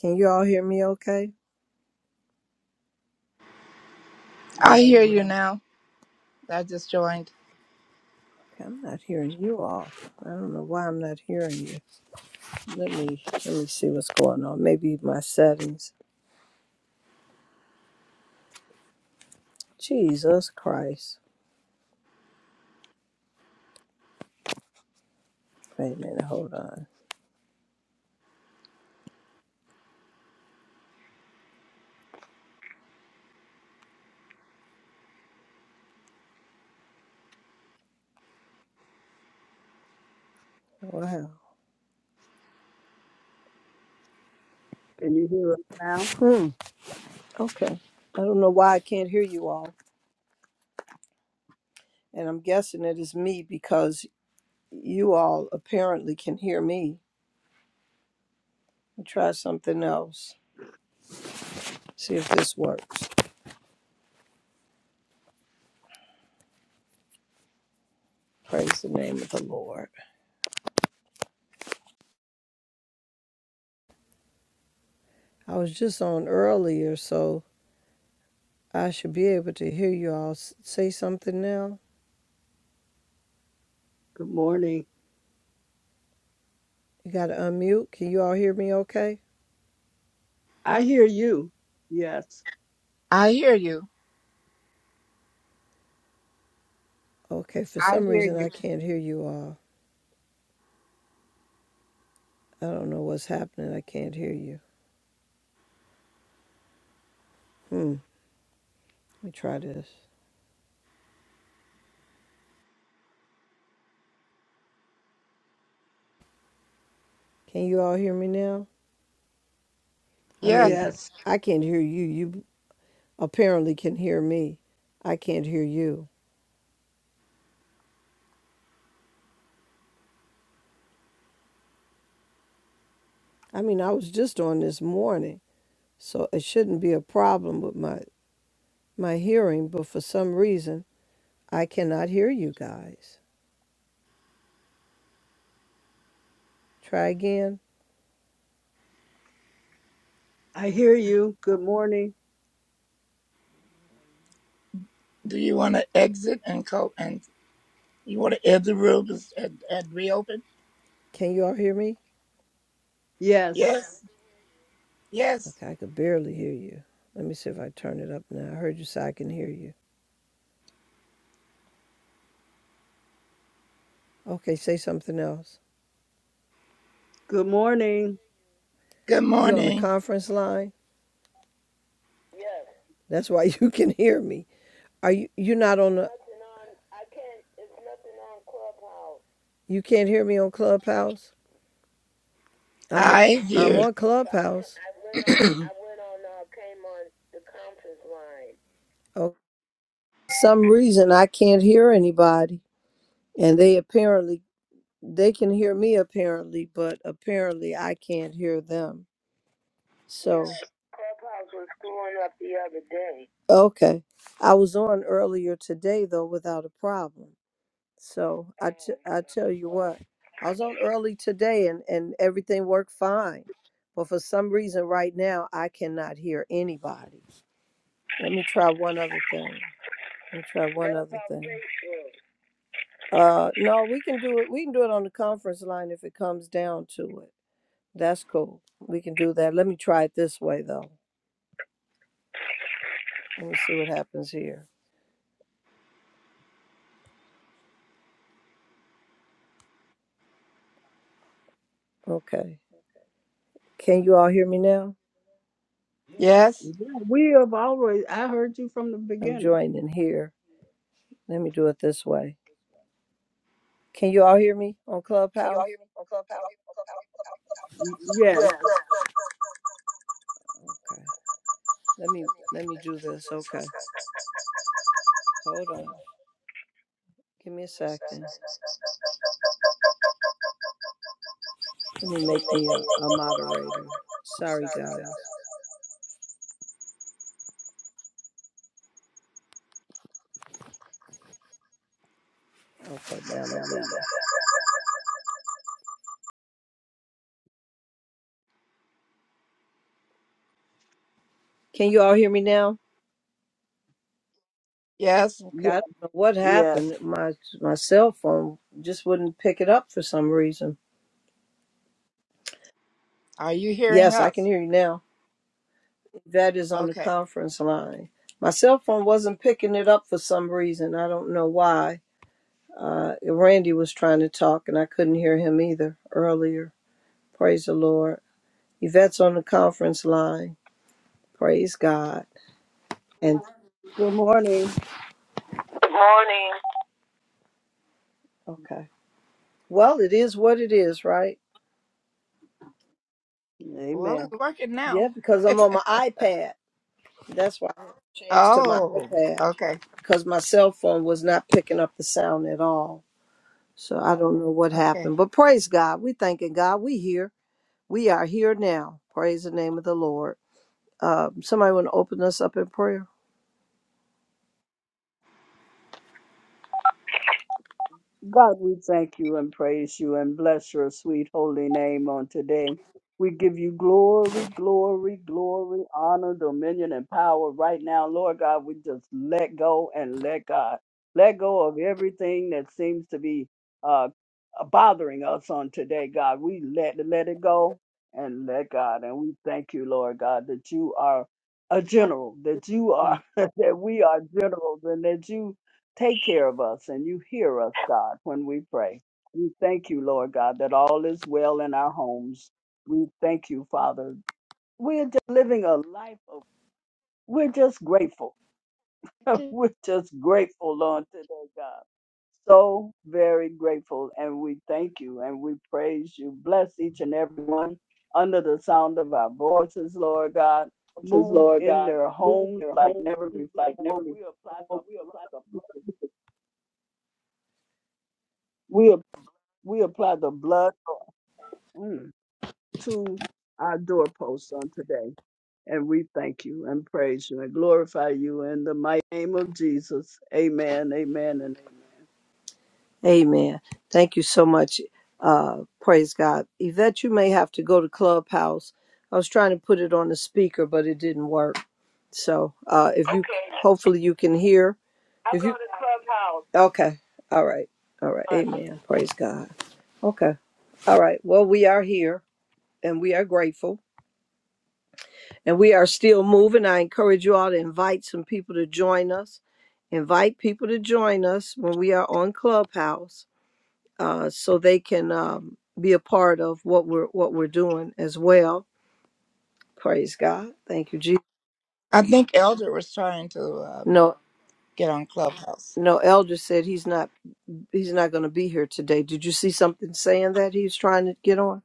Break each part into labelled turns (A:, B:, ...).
A: Can you all hear me okay?
B: I hear
C: Yes.
B: you now. I just joined.
A: Okay, I'm not hearing you all. I don't know why I'm not hearing you. Let me let me see what's going on. Maybe my settings. Jesus Christ. Wait a minute, hold on. Wow.
C: Can you hear us now?
A: Hmm. Okay. I don't know why I can't hear you all. And I'm guessing it is me because you all apparently can hear me. I'll try something else. See if this works. Praise the name of the Lord. I was just on earlier, so I should be able to hear you all say something now.
C: Good morning.
A: You got to unmute. Can you all hear me okay?
C: I hear you. Yes.
B: I hear you.
A: Okay, for
B: I
A: some
B: hear
A: reason
B: you.
A: I can't hear you all. I don't know what's happening. I can't hear you. Hmm, let me try this. Can you all hear me now? I mean,
B: Yes.
C: Yes.
A: I can't hear you. You apparently can hear me. I can't hear you. I mean, I was just on this morning, so it shouldn't be a problem with my my hearing, but for some reason I cannot hear you guys. Try again.
C: I hear you. Good morning.
B: Do you want to exit and co and you want to end the room and, and, and reopen?
A: Can you all hear me?
C: Yes.
B: Yes. Yes.
A: Okay, I could barely hear you. Let me see if I turn it up now. I heard you, so I can hear you. Okay, say something else.
C: Good morning.
B: Good
A: You on the
B: morning.
A: conference line? That's why you can hear me. Are you? You're not on the. You can't hear me on Clubhouse. I'm. o-
B: I
A: I'm on So
B: hear.
A: I went. Clubhouse. Oh, for some reason I can't hear anybody, and they apparently They can hear me apparently, but apparently I can't hear them. So, okay. I was on earlier today though without a problem. So, I t- I tell you what. I was on early today and and everything worked fine. But for some reason right now I cannot hear anybody. Let me try one other thing. Let me try one other thing. Uh, no, we can do it. We can do it on the conference line if it comes down to it. That's cool. We can do that. Let me try it this way though. Let me see what happens here. Okay. Can you all hear me now?
B: yes.
C: Yeah, we have always, I heard you from the
A: I'm
C: beginning.
A: joining here. Let me do it this way. Can you all hear me on
C: Yes.
A: Okay. Let me let me do this. Okay. Hold on. Give me a second. Let me make me a, a moderator. Sorry guys. Okay, now I'm
D: Can you all hear me now?
B: Yes.
D: Okay,
C: Yes.
D: I don't know what
C: yes.
D: happened. My my cell phone just wouldn't pick it up for some reason.
B: Are you hearing
D: Yes, I can
B: us?
D: hear you now. That is on the
B: Okay.
D: conference line. My cell phone wasn't picking it up for some reason. I don't know why. Uh, Randy was trying to talk and I couldn't hear him either earlier. Praise the Lord. Yvette's on the conference line. Praise God. And
C: Good morning.
D: okay. Well, it is what it is, right?
B: Well,
C: Amen.
B: it's working now.
D: Yeah, because I'm on my iPad. That's why I had to change to my
B: Oh.
D: iPad
B: Okay.
D: because my cell phone was not picking up the sound at all. So I don't know what
B: Okay.
D: happened. But praise God. We thanking God. We here. We are here now. Praise the name of the Lord. Um, somebody want to open us up in prayer?
C: God, we thank you and praise you and bless your sweet holy name on today. We give you glory, glory, glory, honor, dominion, and power right now. Lord God, we just let go and let God. Let go of everything that seems to be uh, bothering us on today, God. We let, let it go and let God. And we thank you, Lord God, that you are a general, that you are, that we are generals, and that you Take care of us and you hear us, God, when we pray. We thank you, Lord God, that all is well in our homes. We thank you, Father. We're just living a life of, we're just grateful. we're just grateful, Lord, today, God. So very grateful, and we thank you and we praise you. Bless each and every one under the sound of our voices, Lord God.
D: churches,
C: Move
D: Lord
C: in
D: God.
C: their
D: Move
C: homes
D: their
C: like
D: homes
C: never
D: like
C: before.
D: never
C: We apply the
D: before. We
C: blood.
D: apply the
C: of Jesus.
D: blood.
C: We apply the blood mm, to our doorposts on today. And we thank you and praise you and glorify you in the mighty name of Jesus. Amen, amen, and amen.
D: Amen. Thank you so much. Uh, praise God. Yvette, you may have to go to Clubhouse. I was trying to put it on the speaker, but it didn't work. So uh, if you, Okay. hopefully you can hear. I'll if you, go to Clubhouse. Okay. All right. All right. All right. Amen. Praise God. Okay. All right. Well, we are here and we are grateful and we are still moving. I encourage you all to invite some people to join us. Invite people to join us when we are on Clubhouse uh, so they can um, be a part of what we're what we're doing as well. Praise God. Thank you, Jesus.
B: I think Elder was trying to um,
D: No,
B: get on Clubhouse.
D: no. Elder said he's not he's not going to be here today. Did you see something saying that he's trying to get on?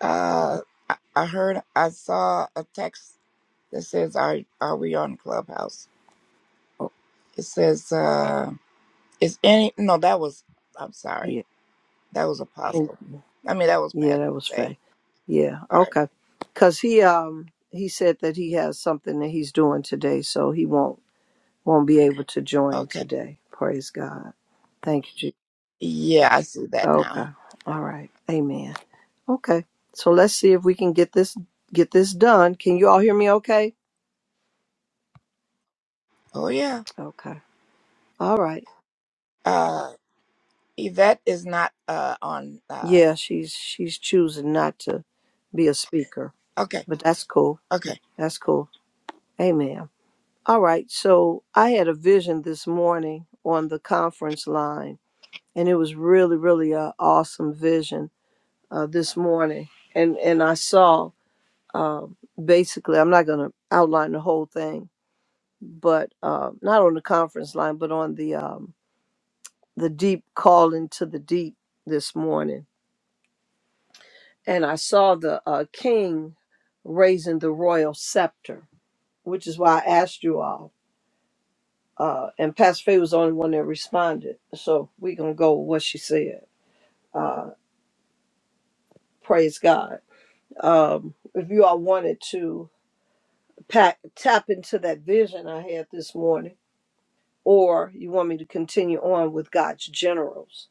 B: Uh, I, I heard. I saw a text that says are are we on Clubhouse?
D: Oh,
B: It says uh is any no that was I'm sorry.
D: yeah.
B: That was
D: Thank
B: Apostle.
D: you.
B: I mean that was
D: Yeah,
B: Pastor
D: that was
B: Faye.
D: Faye. Yeah.
B: Sorry.
D: Okay. Because he um he said that he has something that he's doing today, so he won't won't be able to join
B: Okay.
D: today. Praise God. Thank you, Jesus.
B: Yeah, I see that
D: Okay.
B: now.
D: All right. Amen. Okay. So let's see if we can get this get this done. Can you all hear me okay?
B: Oh yeah.
D: Okay. All right.
B: Uh Yvette is not uh on uh
D: Yeah, she's she's choosing not to be a speaker.
B: okay,
D: But that's cool.
B: okay.
D: That's cool. Amen. All right. So I had a vision this morning on the conference line and it was really, really a awesome vision uh, this morning. And and I saw um, basically I'm not gonna outline the whole thing, but uh, not on the conference line, but on the um, the deep calling to the deep this morning. And I saw the uh, king raising the royal scepter, which is why I asked you all. Uh, and Pastor Faye was the only one that responded. So we're going to go with what she said. Uh, praise God. Um, if you all wanted to pack, tap into that vision I had this morning, or you want me to continue on with God's generals,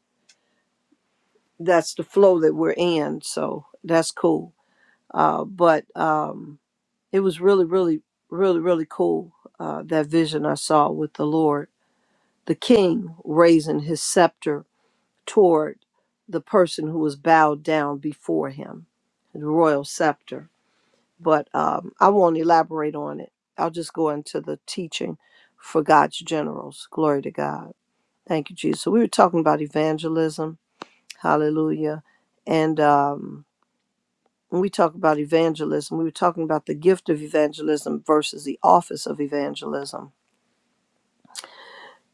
D: that's the flow that we're in. So that's cool. Uh, but. Um, it was really, really, really, really cool. Uh, that vision I saw with the Lord, the King raising his scepter toward the person who was bowed down before him, the royal scepter. But um, I won't elaborate on it. I'll just go into the teaching for God's generals. Glory to God. Thank you, Jesus. So we were talking about evangelism. Hallelujah. And um, when we talk about evangelism, we were talking about the gift of evangelism versus the office of evangelism.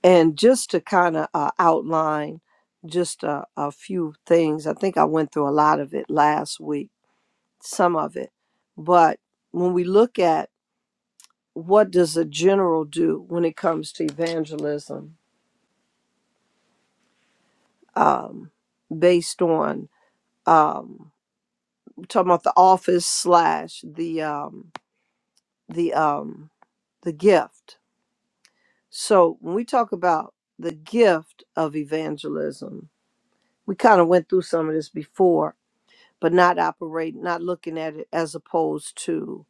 D: And just to kind of uh, outline just a, a few things, I think I went through a lot of it last week, some of it. But when we look at what does a general do when it comes to evangelism, um, based on um, we're talking about the office slash the um, the um, the gift So when we talk about the gift of evangelism, we kind of went through some of this before, but not operate, not looking at it as opposed to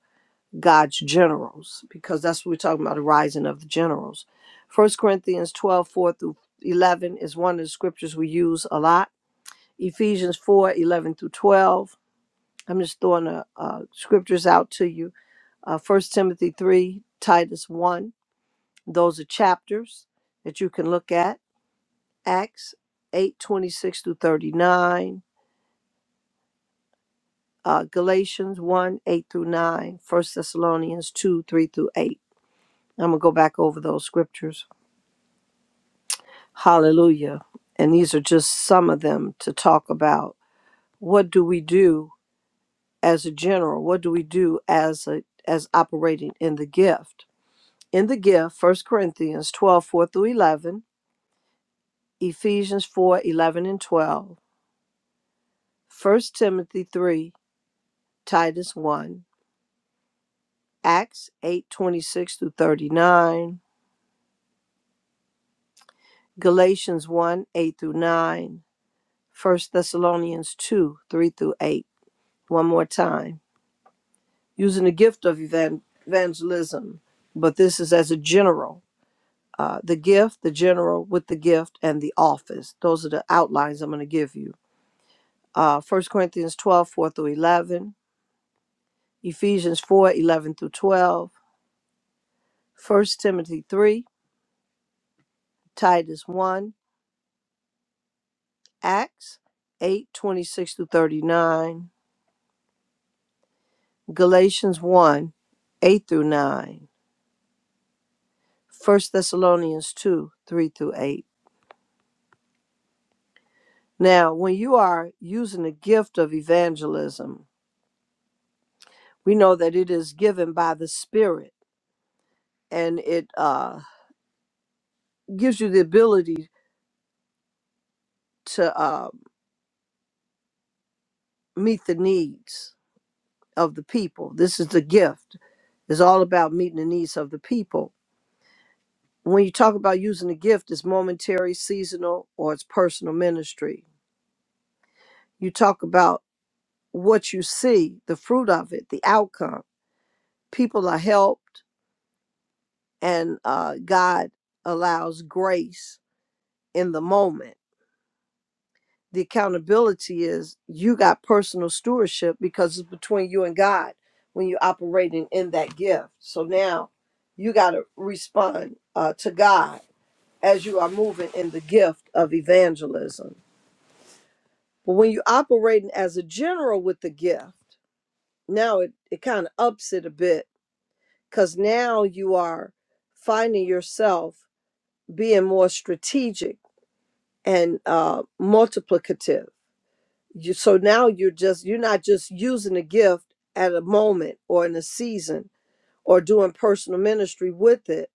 D: God's generals, because that's what we're talking about, the rising of the generals. First Corinthians 12 4 through 11 is one of the scriptures we use a lot. Ephesians 4 11 through 12. I'm just throwing the uh, scriptures out to you. Uh, 1 Timothy 3, Titus 1. Those are chapters that you can look at Acts eight twenty six through 39, uh, Galatians 1 8 through 9, First Thessalonians 2 3 through 8. I'm going to go back over those scriptures. Hallelujah. And these are just some of them to talk about. What do we do as a general? What do we do as a as operating in the gift? In the gift, First Corinthians twelve four through 11, Ephesians 4 11 and 12, First Timothy 3, Titus 1, Acts 8 26 through 39, Galatians 1 8 through 9, First Thessalonians 2 3 through 8. One more time. Using the gift of evan- evangelism, but this is as a general. Uh, the gift, the general with the gift, and the office. Those are the outlines I'm going to give you. Uh, 1 Corinthians 12 4 through 11, Ephesians 4 11 through 12, First Timothy 3, Titus 1. Acts 8 26 through 39, Galatians 1 8 through 9, First Thessalonians 2 3 through 8. Now, when you are using the gift of evangelism, we know that it is given by the Spirit and it uh, gives you the ability to uh, meet the needs of the people. This is the gift, it's all about meeting the needs of the people when you talk about using the gift it's momentary seasonal or it's personal ministry you talk about what you see the fruit of it the outcome people are helped and uh, god allows grace in the moment the accountability is you got personal stewardship because it's between you and god when you're operating in that gift so now you got to respond uh, to god as you are moving in the gift of evangelism But when you're operating as a general with the gift, now it, it kind of ups it a bit because now you are finding yourself being more strategic and uh, multiplicative. You, so now you're just you're not just using a gift at a moment or in a season or doing personal ministry with it,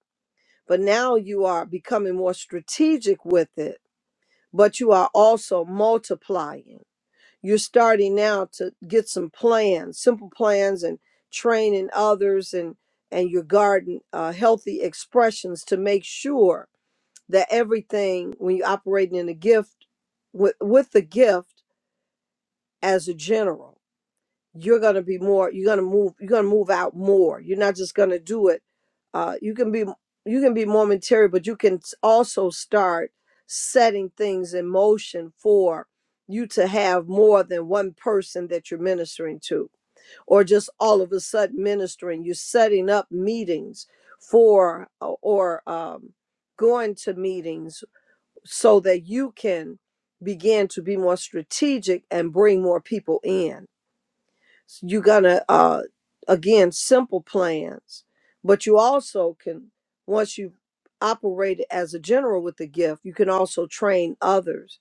D: but now you are becoming more strategic with it. But you are also multiplying you're starting now to get some plans, simple plans, and training others and and your garden uh, healthy expressions to make sure that everything when you're operating in a gift with with the gift as a general you're going to be more you're going to move you're going to move out more you're not just going to do it uh, you can be you can be more material but you can s- also start setting things in motion for you to have more than one person that you're ministering to or just all of a sudden ministering you're setting up meetings for o- or um, going to meetings so that you can begin to be more strategic and bring more people in so you're gonna uh again simple plans, but you also can once you operate as a general with the gift, you can also train others,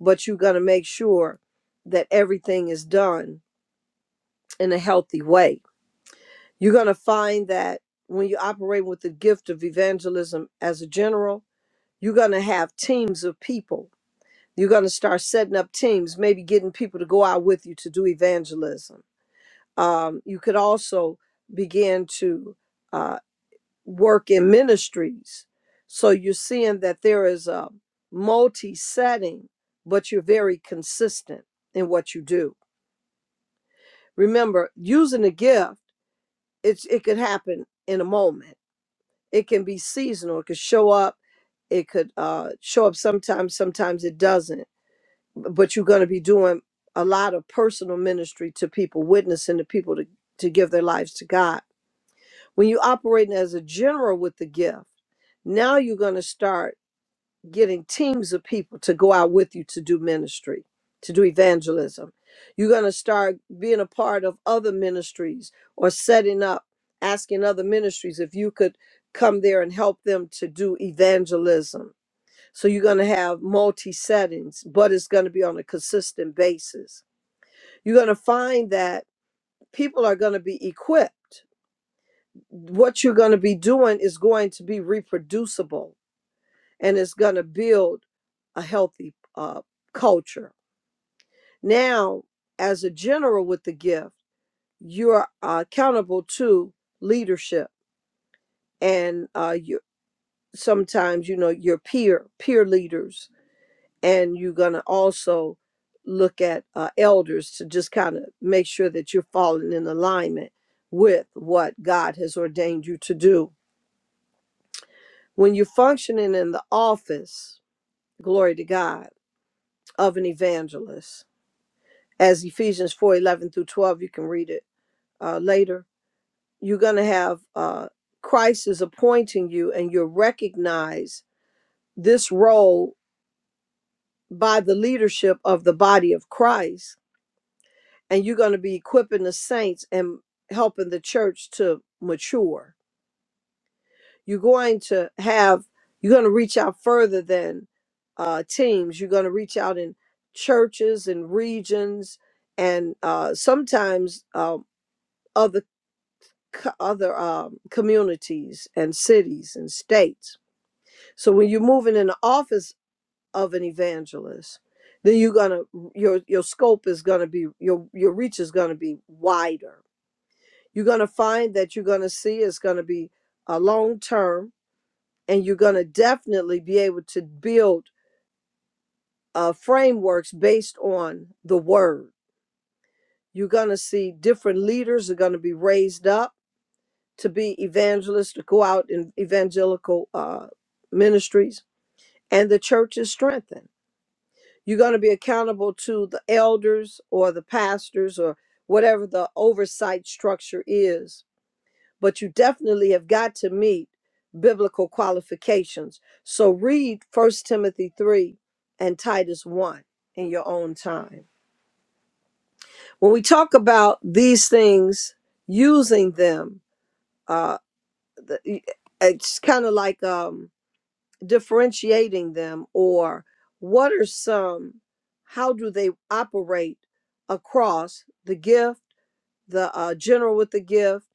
D: but you're gonna make sure that everything is done in a healthy way. You're gonna find that when you operate with the gift of evangelism as a general, you're gonna have teams of people. You're gonna start setting up teams, maybe getting people to go out with you to do evangelism Um, you could also begin to uh, work in ministries. So you're seeing that there is a multi setting, but you're very consistent in what you do. Remember, using a gift, it's, it could happen in a moment, it can be seasonal, it could show up it could uh, show up sometimes sometimes it doesn't but you're going to be doing a lot of personal ministry to people witnessing to people to, to give their lives to god When you are operating as a general with the gift, now you're going to start getting teams of people to go out with you to do ministry, to do evangelism. You're going to start being a part of other ministries or setting up, asking other ministries if you could come there and help them to do evangelism. So you're going to have multi settings, but it's going to be on a consistent basis. You're going to find that people are going to be equipped what you're going to be doing is going to be reproducible and it's going to build a healthy uh, culture. Now, as a general with the gift, you're uh, accountable to leadership and uh, you sometimes you know your peer peer leaders and you're going to also look at uh, elders to just kind of make sure that you're falling in alignment with what god has ordained you to do When you're functioning in the office, glory to God, of an evangelist, as Ephesians 4 11 through 12, you can read it uh, later, you're going to have uh, Christ is appointing you and you recognize this role by the leadership of the body of Christ. And you're going to be equipping the saints and helping the church to mature you're going to have you're going to reach out further than uh, teams you're going to reach out in churches and regions and uh, sometimes um, other co- other um, communities and cities and states so when you're moving in the office of an evangelist then you're going to your your scope is going to be your your reach is going to be wider you're going to find that you're going to see it's going to be a long term and you're going to definitely be able to build uh, frameworks based on the word. You're going to see different leaders are going to be raised up to be evangelists, to go out in evangelical uh, ministries, and the church is strengthened. You're going to be accountable to the elders or the pastors or whatever the oversight structure is but you definitely have got to meet biblical qualifications. So read First Timothy 3 and Titus 1 in your own time. When we talk about these things, using them, uh, the- it's kind of like um, differentiating them or what are some, how do they operate across the gift? the uh, general with the gift,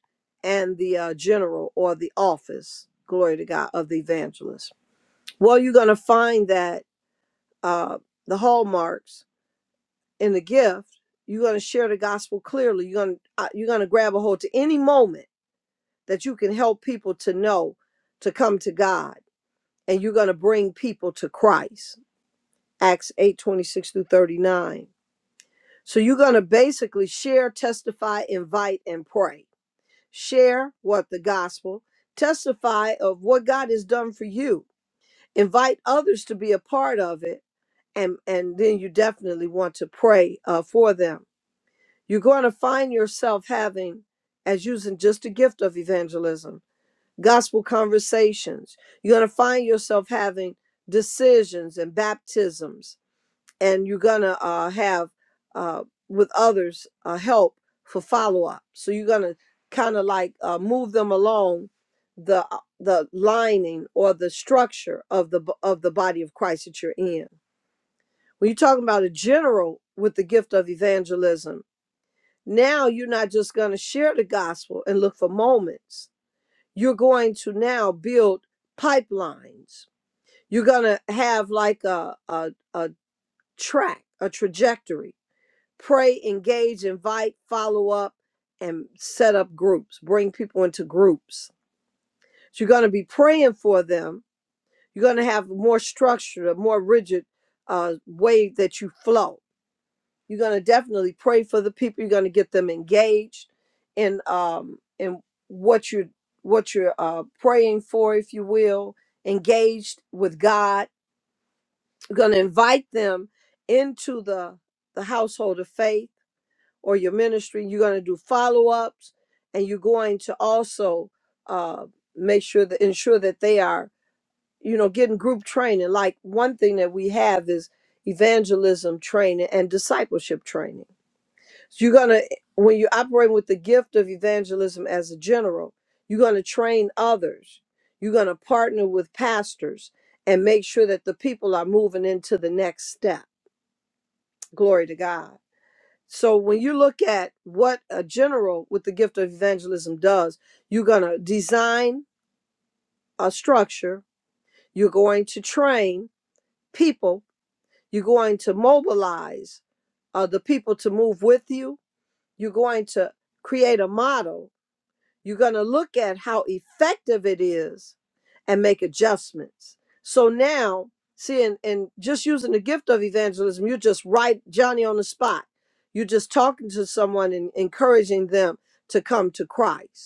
D: and the uh, general or the office, glory to God, of the evangelist. Well, you're going to find that uh, the hallmarks in the gift, you're going to share the gospel clearly. You're going to uh, you're going to grab a hold to any moment that you can help people to know to come to God, and you're going to bring people to Christ. Acts 8:26 through 39. So you're going to basically share, testify, invite, and pray share what the gospel, testify of what God has done for you, invite others to be a part of it, and and then you definitely want to pray uh, for them. You're going to find yourself having, as using just the gift of evangelism, gospel conversations. You're going to find yourself having decisions and baptisms and you're gonna uh, have uh, with others uh, help for follow up. So you're gonna kind of like uh, move them along the uh, the lining or the structure of the b- of the body of Christ that you're in. When you're talking about a general with the gift of evangelism, now you're not just gonna share the gospel and look for moments. You're going to now build pipelines. You're gonna have like a a, a track, a trajectory pray, engage, invite, follow up, and set up groups. Bring people into groups. So you're going to be praying for them. You're going to have more structured, a more rigid uh, way that you flow. You're going to definitely pray for the people. You're going to get them engaged in um, in what you're what you're uh, praying for, if you will, engaged with God. You're going to invite them into the the household of faith or your ministry. You're going to do follow ups, and you're going to also uh, make sure that ensure that they are, you know, getting group training. Like one thing that we have is evangelism training and discipleship training. So you're going to, when you operate with the gift of evangelism as a general, you're going to train others. You're going to partner with pastors and make sure that the people are moving into the next step. Glory to God. So when you look at what a general with the gift of evangelism does, you're going to design a structure, you're going to train people, you're going to mobilize uh, the people to move with you, you're going to create a model you're going to look at how effective it is and make adjustments. So now, see, and, and just using the gift of evangelism, you're just right, Johnny, on the spot. You're just talking to someone and encouraging them to come to Christ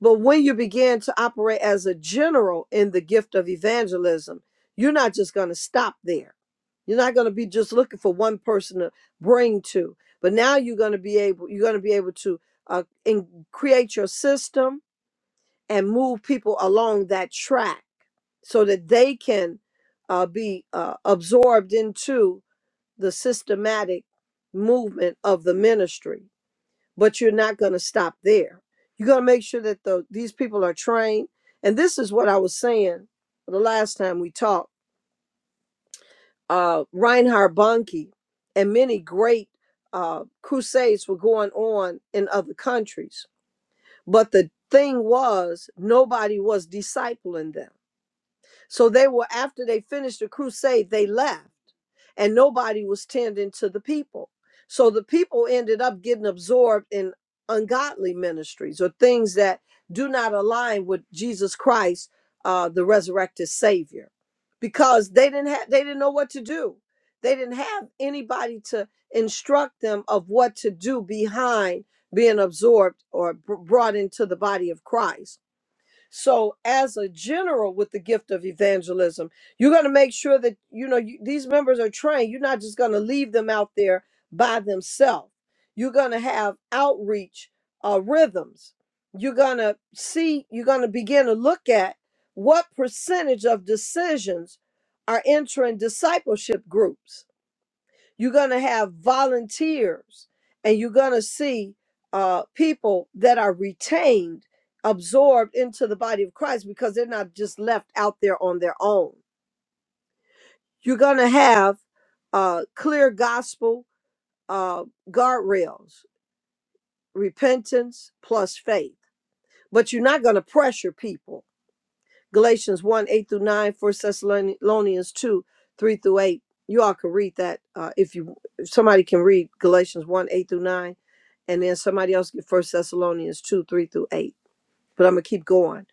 D: but when you begin to operate as a general in the gift of evangelism, you're not just going to stop there. You're not going to be just looking for one person to bring to, but now you're going to be able you're going to be able to uh, in, create your system and move people along that track so that they can uh, be uh, absorbed into the systematic movement of the ministry but you're not going to stop there. You're going to make sure that the these people are trained. And this is what I was saying the last time we talked. Uh, Reinhard Bonnke and many great uh, crusades were going on in other countries, but the thing was nobody was discipling them. So they were, after they finished the crusade, they left and nobody was tending to the people. So the people ended up getting absorbed in ungodly ministries or things that do not align with Jesus Christ, uh, the resurrected Savior, because they didn't have they didn't know what to do. They didn't have anybody to instruct them of what to do behind being absorbed or br- brought into the body of Christ. So, as a general with the gift of evangelism, you're going to make sure that you know you, these members are trained. You're not just going to leave them out there by themselves. You're going to have outreach uh, rhythms. You're going to see. You're going to begin to look at what percentage of decisions are entering discipleship groups you're going to have volunteers and you're going to see uh, people that are retained, absorbed into the body of Christ because they're not just left out there on their own. You're going to have uh, clear gospel uh, guardrails, repentance plus faith. But you're not going to pressure people. Galatians 1 8 through 9, First Thessalonians 2 3 through 8. You all can read that uh, if you if somebody can read Galatians 1 8 through 9 and then somebody else get First Thessalonians two three through eight. But I'm gonna keep going.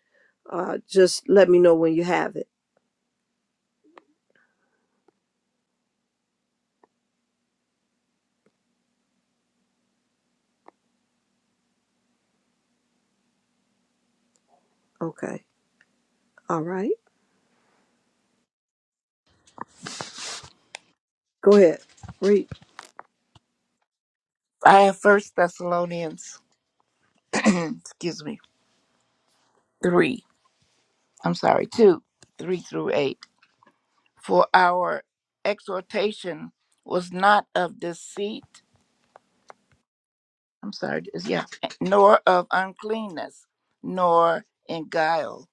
D: Uh, just let me know when you have it. Okay. All right. Go ahead. Read.
B: I have first Thessalonians excuse me, three. I'm sorry, two, three through eight. For our exhortation was not of deceit I'm sorry, is- yeah, nor of uncleanness, nor in guile,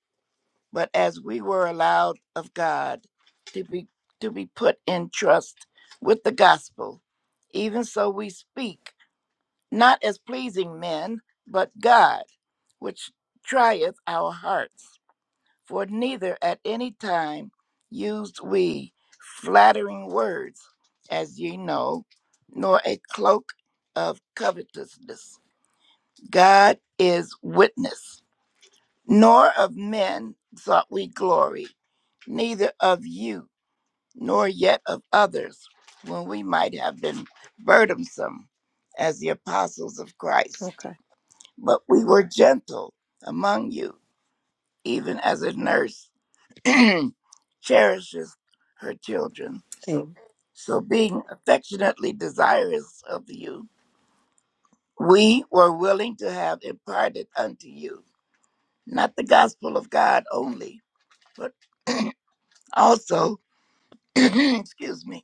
B: but as we were allowed of God to be to be put in trust with the gospel, even so we speak, not as pleasing men, but God, which trieth our hearts. For neither at any time used we flattering words, as ye know, nor a cloak of covetousness God is witness. Nor of men sought we glory, neither of you, nor yet of others, when we might have been burdensome as the apostles of Christ.
D: Okay.
B: But we were gentle among you, even as a nurse cherishes her children.
D: Amen.
B: So, being affectionately desirous of you, we were willing to have imparted unto you not the gospel of God only, but also, excuse me,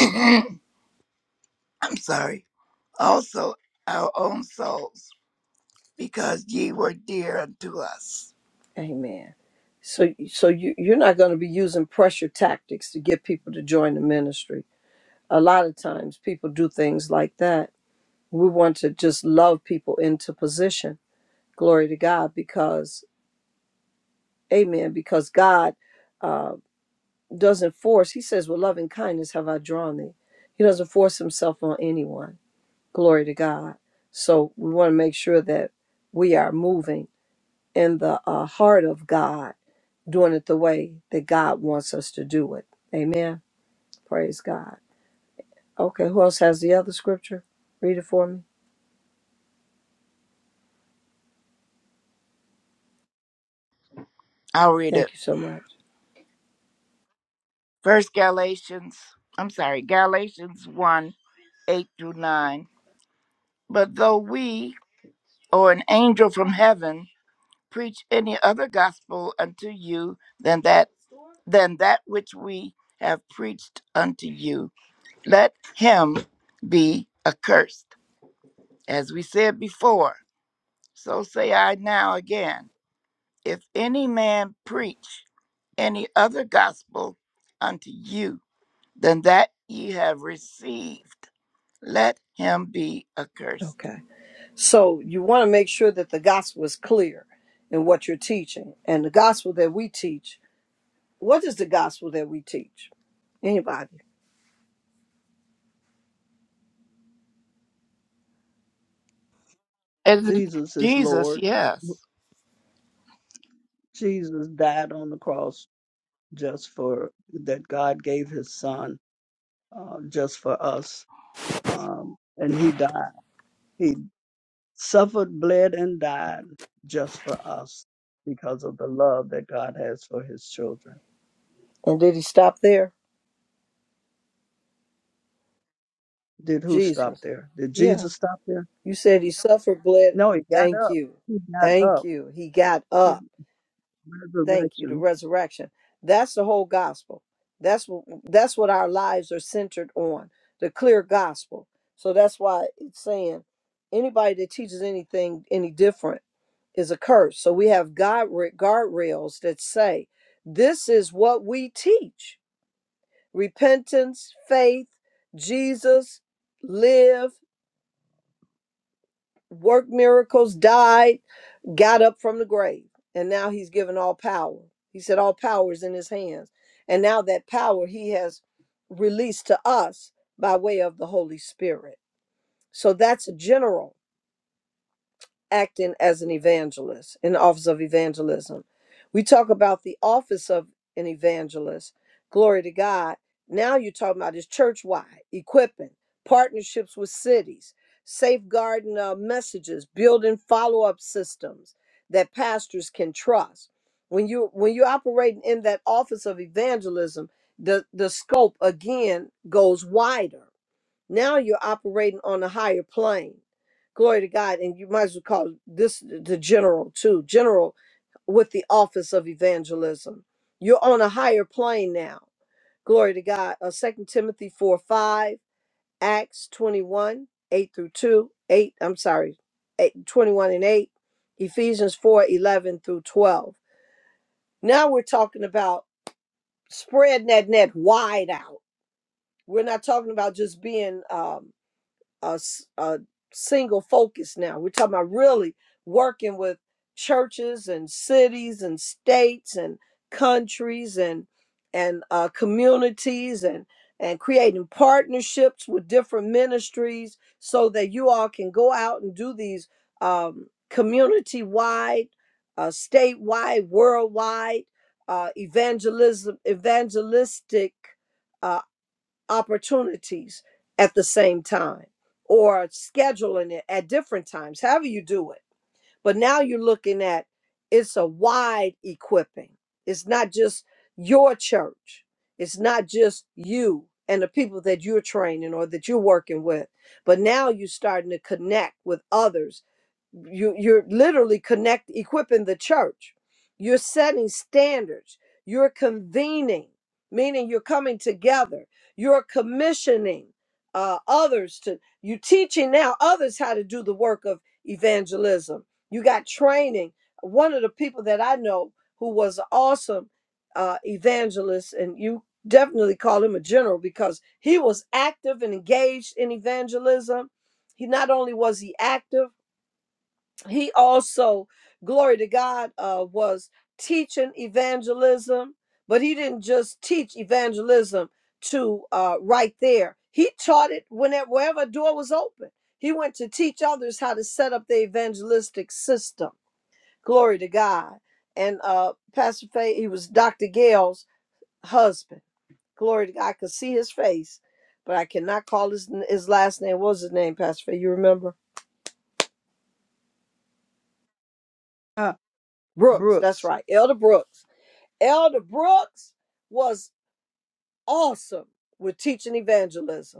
B: I'm sorry, also our own souls, because ye were dear unto us.
D: Amen. So, so you you're not going to be using pressure tactics to get people to join the ministry. A lot of times, people do things like that. We want to just love people into position. Glory to God, because Amen. Because God. uh, doesn't force. He says, With loving kindness have I drawn thee. He doesn't force himself on anyone. Glory to God. So we want to make sure that we are moving in the uh, heart of God, doing it the way that God wants us to do it. Amen. Praise God. Okay, who else has the other scripture? Read it for me.
B: I'll read
D: Thank
B: it.
D: you so much.
B: First Galatians, I'm sorry, Galatians 1 8 through 9. But though we, or an angel from heaven, preach any other gospel unto you than that than that which we have preached unto you, let him be accursed. As we said before, so say I now again if any man preach any other gospel unto you than that ye have received, let him be accursed.
D: Okay. So you want to make sure that the gospel is clear in what you're teaching. And the gospel that we teach What is the gospel that we teach? Anybody?
B: And
C: Jesus is
B: Jesus,
C: Lord.
B: yes.
C: Jesus died on the cross just for that God gave his son uh, just for us. Um, and he died. He suffered, bled, and died just for us because of the love that God has for his children.
D: And did he stop there?
C: Did who stop
D: Jesus.
C: there? Did
D: Yeah.
C: Jesus stop there?
D: You said he suffered, bled.
C: No, he got
D: Thank
C: up.
D: you.
C: He got
D: Thank
C: up.
D: you. He got
C: He
D: up. Thank you. The
C: resurrection.
D: resurrection. That's the whole gospel. That's what that's what our lives are centered on. The clear gospel. So that's why it's saying anybody that teaches anything any different is a curse. So we have guard guardrails that say this is what we teach. repentance, faith, Jesus, lived, worked miracles, died, got up from the grave. And now he's given all power. He said, All power is in his hands. And now that power he has released to us by way of the Holy Spirit. So that's general. acting as an evangelist, in the office of evangelism. We talk about the office of an evangelist. Glory to God. Now you're talking about is church wide, equipping, partnerships with cities, safeguarding uh, messages, building follow up systems that pastors can trust. When you when you're operating in that office of evangelism, the, the scope again goes wider now you're operating on a higher plane. Glory to God. And you might as well call this the general, too. General with the office of evangelism. You're on a higher plane now. Glory to God. Uh, 2 Timothy 4 5, Acts 21, 8 through 2, 8, I'm sorry, 8, 21 and 8, Ephesians 4 11 through 12. Now we're talking about spreading that net wide out. We're not talking about just being. um, a, s- a single focus now. We're talking about really working with churches and cities and states and countries and and uh, communities and and creating partnerships with different ministries so that you all can go out and do these um, community wide, uh, statewide, worldwide uh, evangelism evangelistic. uh, opportunities at the same time or scheduling it at different times, however you do it but now you're looking at it's a wide equipping. It's not just your church. It's not just you and the people that you're training or that you're working with. But now you're starting to connect with others. You you're literally connect equipping the church. You're setting standards. You're convening, meaning you're coming together. You're commissioning uh, others to you teaching now others how to do the work of evangelism you got training. One of the people that I know who was awesome uh, evangelist, and you definitely call him a general because he was active and engaged in evangelism. He not only was he active, he also, glory to God, uh, was teaching evangelism. But he didn't just teach evangelism to uh, right there. He taught it whenever wherever a door was open. He went to teach others how to set up the evangelistic system. Glory to God. And uh, Pastor Faye, he was Dr. Gale's husband. Glory to God. I could see his face, but I cannot call his, his last name. What was his name, Pastor Faye? You remember?
C: Ah,
D: Brooks. That's
C: Brooks.
D: right. Elder Brooks. Elder Brooks was awesome with teaching evangelism.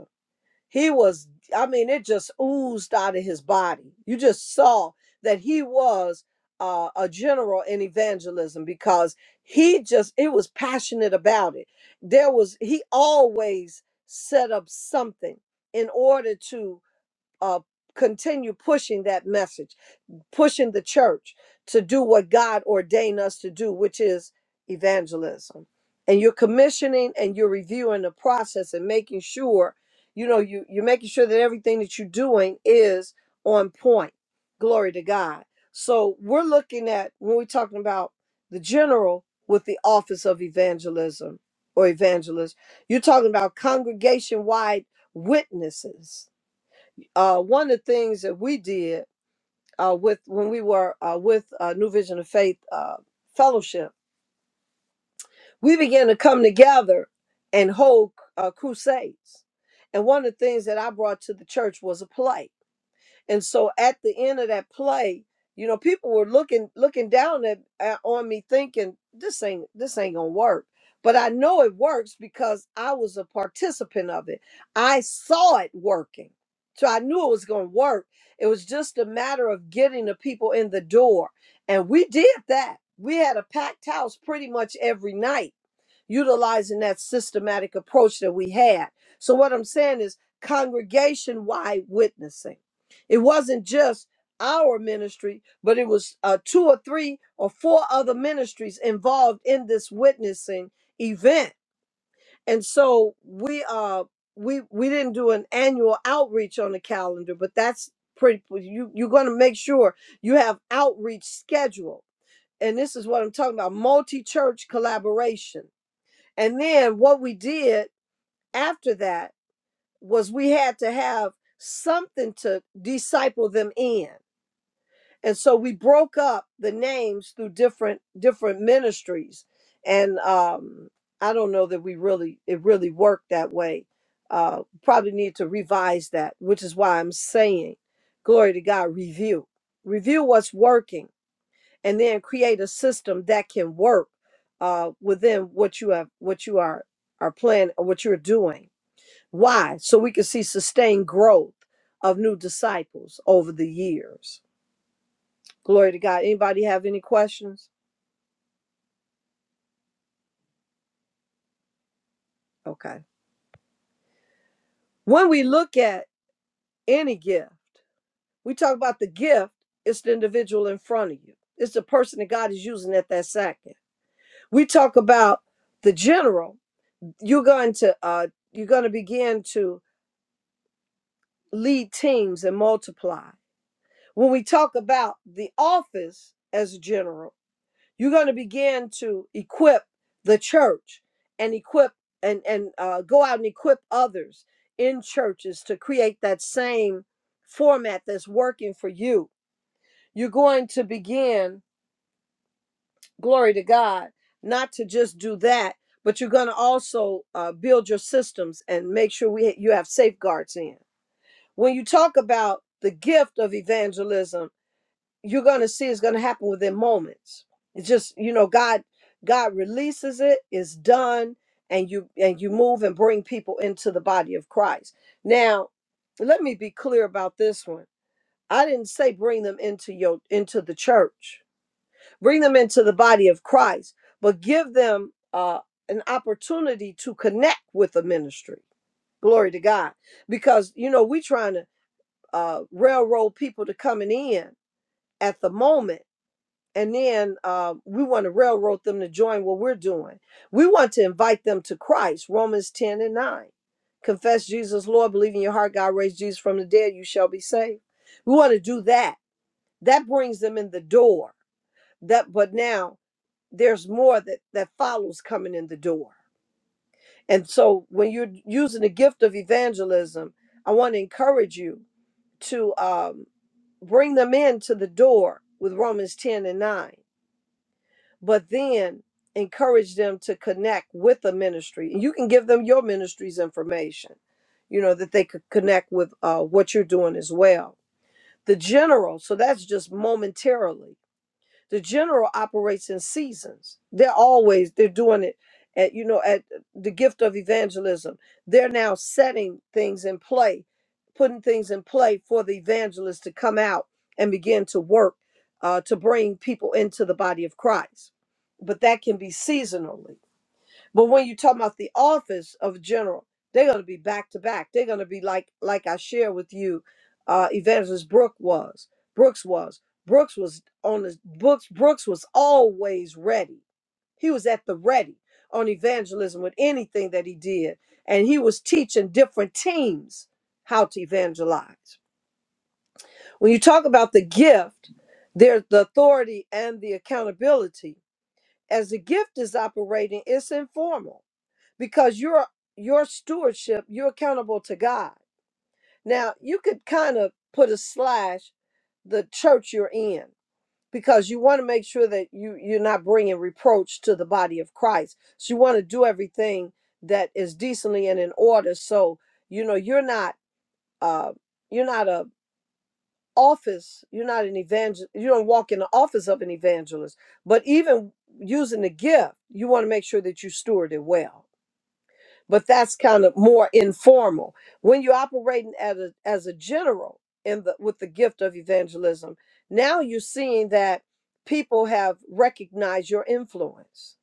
D: He was, I mean, it just oozed out of his body. You just saw that he was uh, a general in evangelism because he just, it was passionate about it. There was, he always set up something in order to uh, continue pushing that message pushing the church to do what God ordained us to do, which is evangelism. And you're commissioning and you're reviewing the process and making sure, you know, you, you're making sure that everything that you're doing is on point. Glory to God. So we're looking at when we're talking about the general with the office of evangelism or evangelist, you're talking about congregation wide witnesses. Uh, one of the things that we did uh, with when we were uh, with uh, New Vision of Faith uh, Fellowship, we began to come together and hold uh, crusades. And one of the things that I brought to the church was a play and so at the end of that play, you know, people were looking looking down at, at on me thinking this ain't this ain't going to work. But I know it works because I was a participant of it. I saw it working. So I knew it was going to work. It was just a matter of getting the people in the door. And we did that. We had a packed house pretty much every night utilizing that systematic approach that we had. So, what I'm saying is congregation wide witnessing. It wasn't just our ministry, but it was uh, two or three or four other ministries involved in this witnessing event. And so we uh we we didn't do an annual outreach on the calendar, but that's pretty well, you you're going to make sure you have outreach scheduled. And this is what I'm talking about, multi-church collaboration and then what we did after that was we had to have something to disciple them in. And so we broke up the names through different different ministries. And um I don't know that we really it really worked that way. Uh probably need to revise that, which is why I'm saying glory to God review. Review what's working and then create a system that can work uh, within what you have what you are are planning or what you're doing why so we can see sustained growth of new disciples over the years glory to god anybody have any questions okay when we look at any gift we talk about the gift it's the individual in front of you it's the person that god is using at that second we talk about the general you're going to uh, you're going to begin to lead teams and multiply. When we talk about the office as a general, you're going to begin to equip the church and equip and and uh, go out and equip others in churches to create that same format that's working for you. You're going to begin, glory to God, not to just do that, but you're going to also uh, build your systems and make sure we you have safeguards in when you talk about the gift of evangelism you're going to see it's going to happen within moments it's just you know god god releases it it's done and you and you move and bring people into the body of christ now let me be clear about this one i didn't say bring them into your into the church bring them into the body of christ but give them uh an opportunity to connect with the ministry glory to god because you know we trying to uh railroad people to coming in at the moment and then um, we want to railroad them to join what we're doing. We want to invite them to Christ, Romans 10 and 9. Confess Jesus, Lord, believe in your heart, God raised Jesus from the dead, you shall be saved. We want to do that. That brings them in the door. That but now there's more that, that follows coming in the door. And so when you're using the gift of evangelism, I want to encourage you to um, bring them in to the door with Romans 10 and 9 but then encourage them to connect with a ministry. And you can give them your ministry's information, you know, that they could connect with uh, what you're doing as well. The general, so that's just momentarily. The general operates in seasons. They're always they're doing it at you know at the gift of evangelism. They're now setting things in play, putting things in play for the evangelist to come out and begin to work uh, to bring people into the body of Christ. But that can be seasonally. But when you talk about the office of general, they're going to be back to back. They're going to be like like I share with you, uh, Evangelist Brooke was. Brooks was. Brooks was on his books. Brooks was always ready. He was at the ready on evangelism with anything that he did, and he was teaching different teams how to evangelize. When you talk about the gift, there's the authority and the accountability. As the gift is operating, it's informal because your your stewardship you're accountable to god now you could kind of put a slash the church you're in because you want to make sure that you you're not bringing reproach to the body of christ so you want to do everything that is decently and in order so you know you're not uh you're not a office you're not an evangel you don't walk in the office of an evangelist but even using the gift you want to make sure that you steward it well but that's kind of more informal. When you're operating at a, as a general in the with the gift of evangelism, now you're seeing that people have recognized your influence.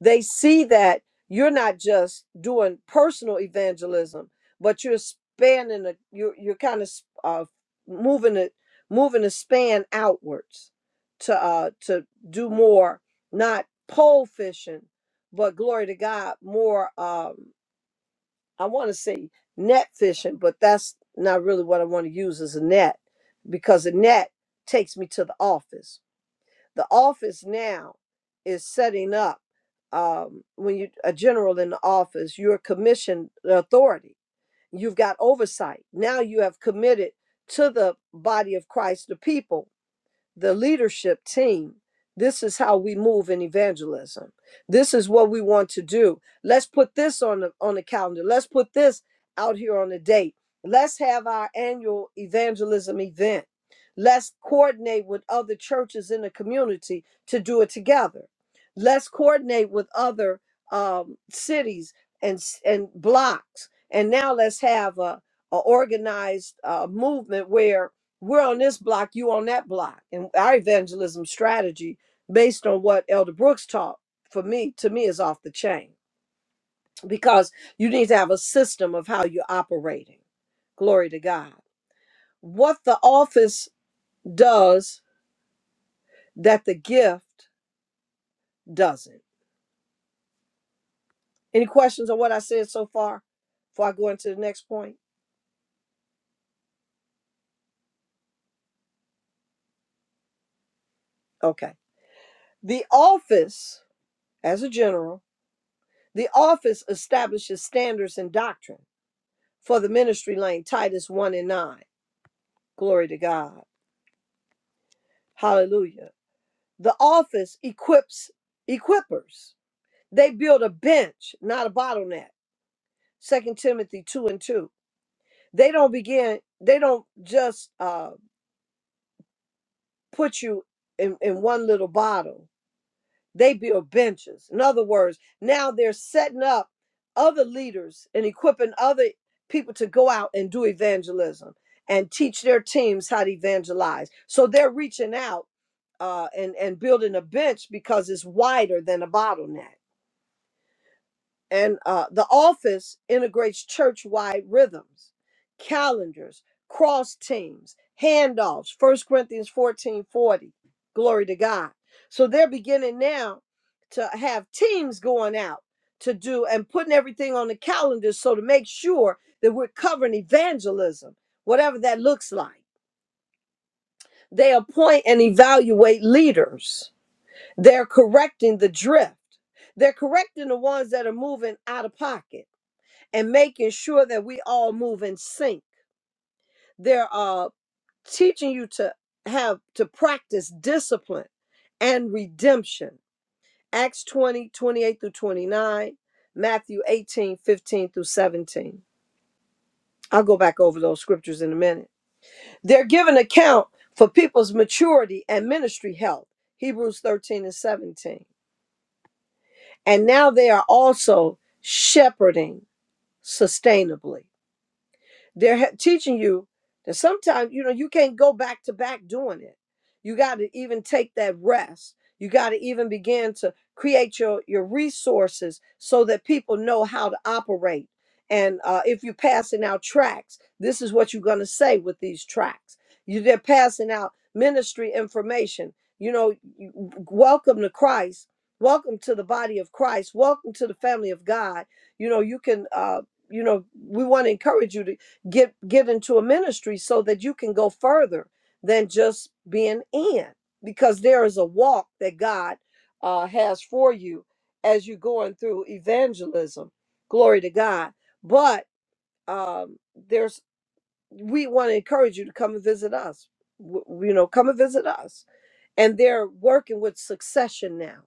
D: They see that you're not just doing personal evangelism, but you're spanning a you're you're kind of uh, moving it moving the span outwards to uh to do more not pole fishing but glory to God more um I want to say net fishing, but that's not really what I want to use as a net because a net takes me to the office. The office now is setting up um, when you a general in the office, you're commissioned authority. You've got oversight. Now you have committed to the body of Christ, the people the leadership team. This is how we move in evangelism. This is what we want to do. Let's put this on the on the calendar. Let's put this out here on the date. Let's have our annual evangelism event. Let's coordinate with other churches in the community to do it together. Let's coordinate with other um, cities and s- and blocks. And now let's have a, a organized uh, movement we're on this block, you on that block. And our evangelism strategy, based on what Elder Brooks taught, for me, to me, is off the chain because you need to have a system of how you're operating. Glory to God. What the office does that the gift doesn't. Any questions on what I said so far before I go into the next point? Okay. The office, as a general, the office establishes standards and doctrine for the ministry lane, Titus 1 and 9 Glory to God. Hallelujah. The office equips equippers. They build a bench, not a bottleneck. Second Timothy 2 and 2. They don't begin, they don't just uh, put you in, in one little bottle They build benches. In other words, now they're setting up other leaders and equipping other people to go out and do evangelism and teach their teams how to evangelize. So they're reaching out uh, and and building a bench because it's wider than a bottleneck and uh, the office integrates church-wide rhythms calendars cross teams handoffs First corinthians 14 40, glory to god so they're beginning now to have teams going out to do and putting everything on the calendar so to make sure that we're covering evangelism whatever that looks like they appoint and evaluate leaders they're correcting the drift they're correcting the ones that are moving out of pocket and making sure that we all move in sync. They're uh, teaching you to have to practice discipline and redemption. Acts 20 28 through 29, Matthew 18 15 through 17. I'll go back over those scriptures in a minute. They're giving account for people's maturity and ministry health, Hebrews 13 and 17. And now they are also shepherding sustainably. They're he- teaching you that sometimes, you know, you can't go back to back doing it. You got to even take that rest. You got to even begin to create your, your resources so that people know how to operate. And uh, if you're passing out tracts, this is what you're going to say with these tracts. You, they're passing out ministry information. You know, you- welcome to Christ. Welcome to the body of Christ. Welcome to the family of God. You know, you can uh, you know, we want to encourage you to get given to a ministry so that you can go further than just being in because there is a walk that god uh, has for you as you're going through evangelism glory to god but um, there's we want to encourage you to come and visit us W- you know come and visit us and they're working with succession now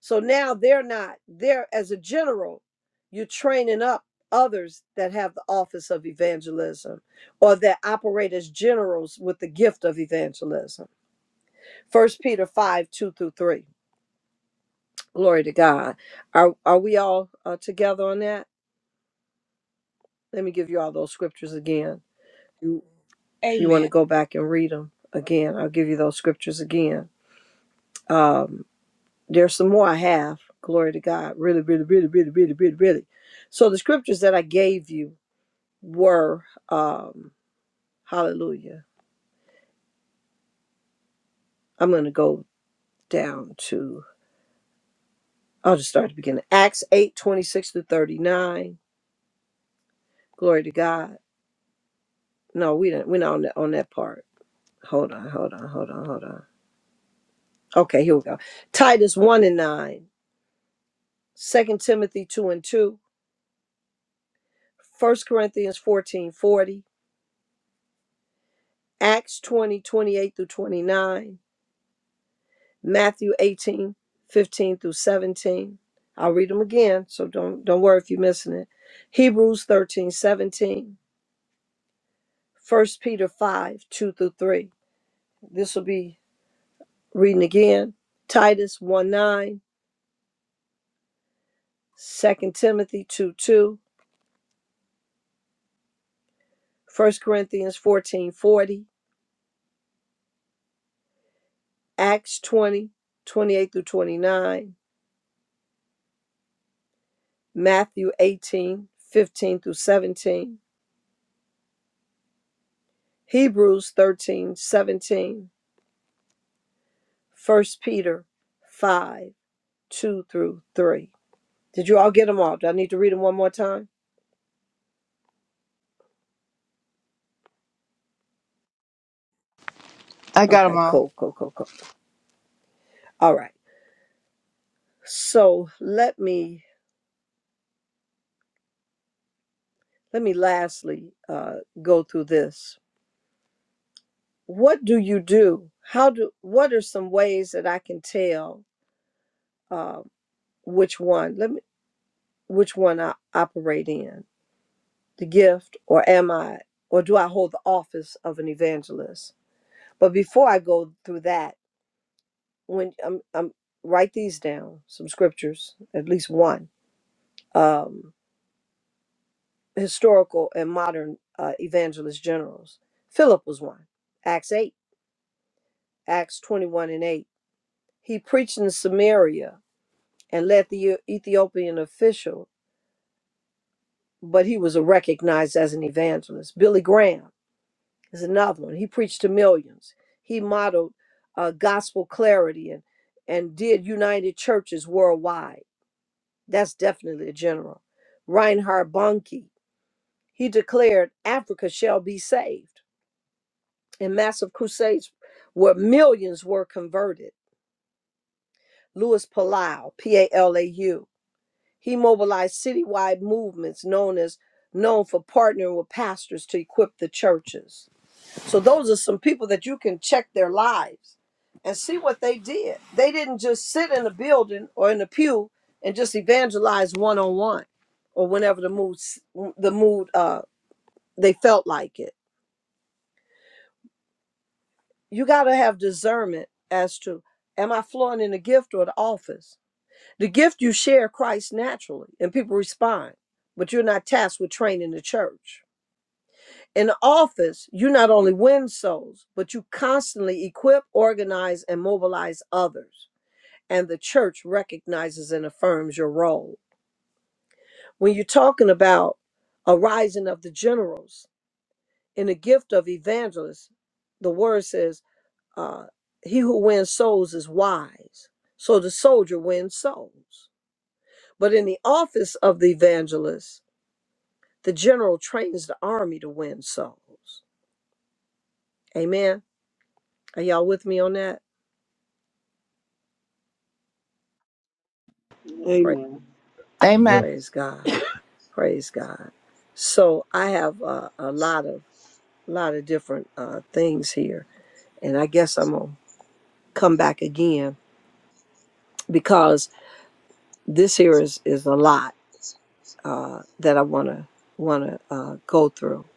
D: so now they're not there as a general. You're training up others that have the office of evangelism or that operate as generals with the gift of evangelism. First Peter 5 2 through 3. Glory to God. Are, are we all uh, together on that? Let me give you all those scriptures again. You, you want to
B: Amen.
D: go back and read them again? I'll give you those scriptures again. Um, there's some more I have. Glory to God. Really, really, really, really, really, really, really. So the scriptures that I gave you were um hallelujah i'm going to go down to i'll just start at the beginning acts 8 26 to 39 glory to god no we didn't we're not on that on that part hold on hold on hold on hold on okay here we go titus 1 and 9 2 timothy 2 and 2 1 corinthians 14 40. acts 20 28 through 29 Matthew 18 15 through 17. I'll read them again, so don't don't worry if you're missing it. Hebrews 13 17. First Peter 5, 2 through 3. This will be reading again. Titus 1 9, Second Timothy 2 2, First Corinthians fourteen forty. Acts 20 28 through 29, Matthew 18 15 through 17, Hebrews 13 17. First Peter 5, 2 through 3. Did you all get them all? Do I need to read them one more time?
B: I got them
D: Okay,
B: all.
D: cool, cool, cool, cool. All right. So let me let me lastly uh, go through this. What do you do? How do what are some ways that I can tell uh, which one let me which one I operate in? The gift or am I or do I hold the office of an evangelist? But before I go through that, when I'm I'm write these down some scriptures at least one um historical and modern uh, evangelist generals philip was one acts 8 acts 21 and 8 he preached in samaria and led the E- ethiopian official but he was recognized as an evangelist billy graham is another one he preached to millions he modeled uh, gospel clarity and and did united churches worldwide That's definitely a general. Reinhard Bonnke, he declared, Africa shall be saved. And massive crusades where millions were converted. Louis Palau, P-A-L-A-U, he mobilized citywide movements known as known for partnering with pastors to equip the churches. So those are some people that you can check their lives and see what they did. They didn't just sit in a building or in a pew and just evangelize one on one or whenever the mood s- the mood uh they felt like it. You got to have discernment as to am I flowing in the gift or the office? The gift you share Christ naturally and people respond, but you're not tasked with training the church. In office, you not only win souls, but you constantly equip, organize, and mobilize others. And the church recognizes and affirms your role. When you're talking about a rising of the generals in the gift of evangelists, the word says, uh, he who wins souls is wise. So the soldier wins souls. But in the office of the evangelist, the general trains the army to win souls. Amen. Are y'all with me on that? Praise,
C: Amen.
B: Amen.
E: Amen.
D: praise God. Praise God. So I have uh, a lot of lot of different uh, things here, and I guess I'm gonna come back again because this here is is a lot uh, that I wanna wanna uh, go through.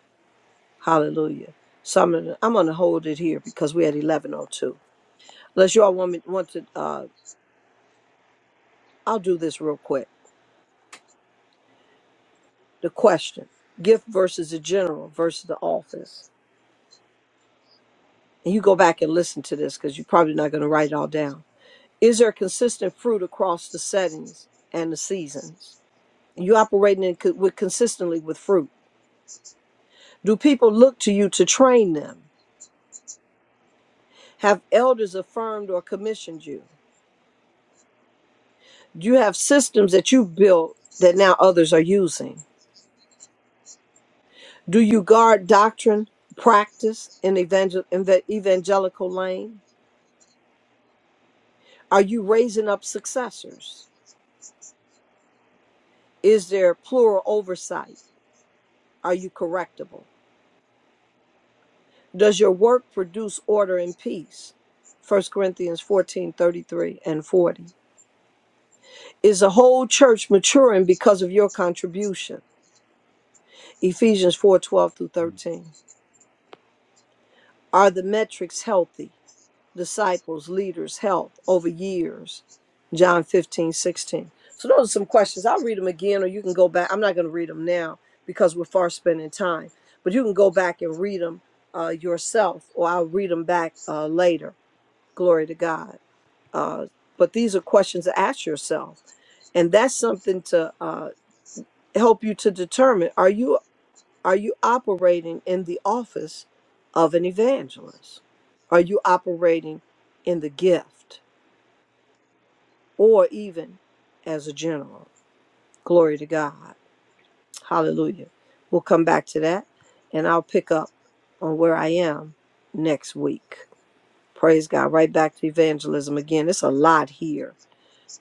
D: Hallelujah. So I'm gonna I'm gonna hold it here because we're at 11:02. Unless you all want me want to, uh, I'll do this real quick. The question: Gift versus the general versus the office. and you go back and listen to this because you're probably not going to write it all down. Is there consistent fruit across the settings and the seasons? You operating in, co- with consistently with fruit. Do people look to you to train them? Have elders affirmed or commissioned you? Do you have systems that you built that now others are using? Do you guard doctrine, practice in evangel- in the evangelical lane? Are you raising up successors? Is there plural oversight? Are you correctable? Does your work produce order and peace? 1 Corinthians 14:33 and 40. Is the whole church maturing because of your contribution? Ephesians 4:12 through 13. Are the metrics healthy? Disciples, leaders, health over years? John 15:16. So those are some questions. I'll read them again or you can go back. I'm not going to read them now because we're far spending time, but you can go back and read them uh, yourself or I'll read them back uh, later Glory to God. Uh, but these are questions to ask yourself, and that's something to uh, help you to determine: are you are you operating in the office of an evangelist? Are you operating in the gift, or even as a general? Glory to God. Hallelujah. We'll come back to that, and I'll pick up on where I am next week. Praise God. Right back to evangelism again. It's a lot here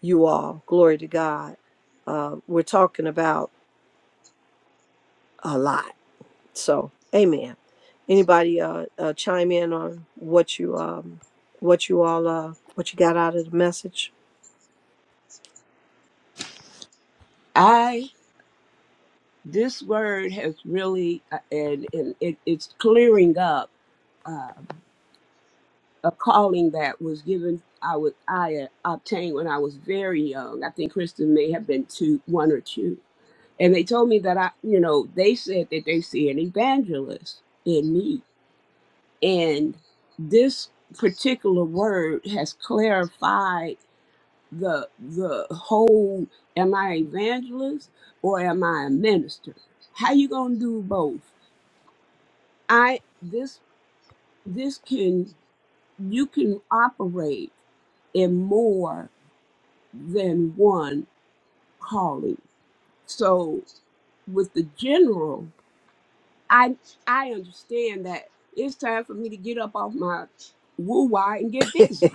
D: you all. Glory to God. Uh, we're talking about a lot. So, amen. Anybody uh, uh, chime in on what you um, what you all uh, what you got out of the message?
B: I this word has really uh, and and it, it's clearing up. Um, a calling that was given I would I uh, obtained when I was very young. I think Kristen may have been two, one or two, and they told me that I, you know, they said that they see an evangelist in me, and this particular word has clarified the the whole. Am I an evangelist or am I a minister? How you gonna do both? I this this can you can operate in more than one calling. So with the general, I I understand that it's time for me to get up off my woo why and get busy.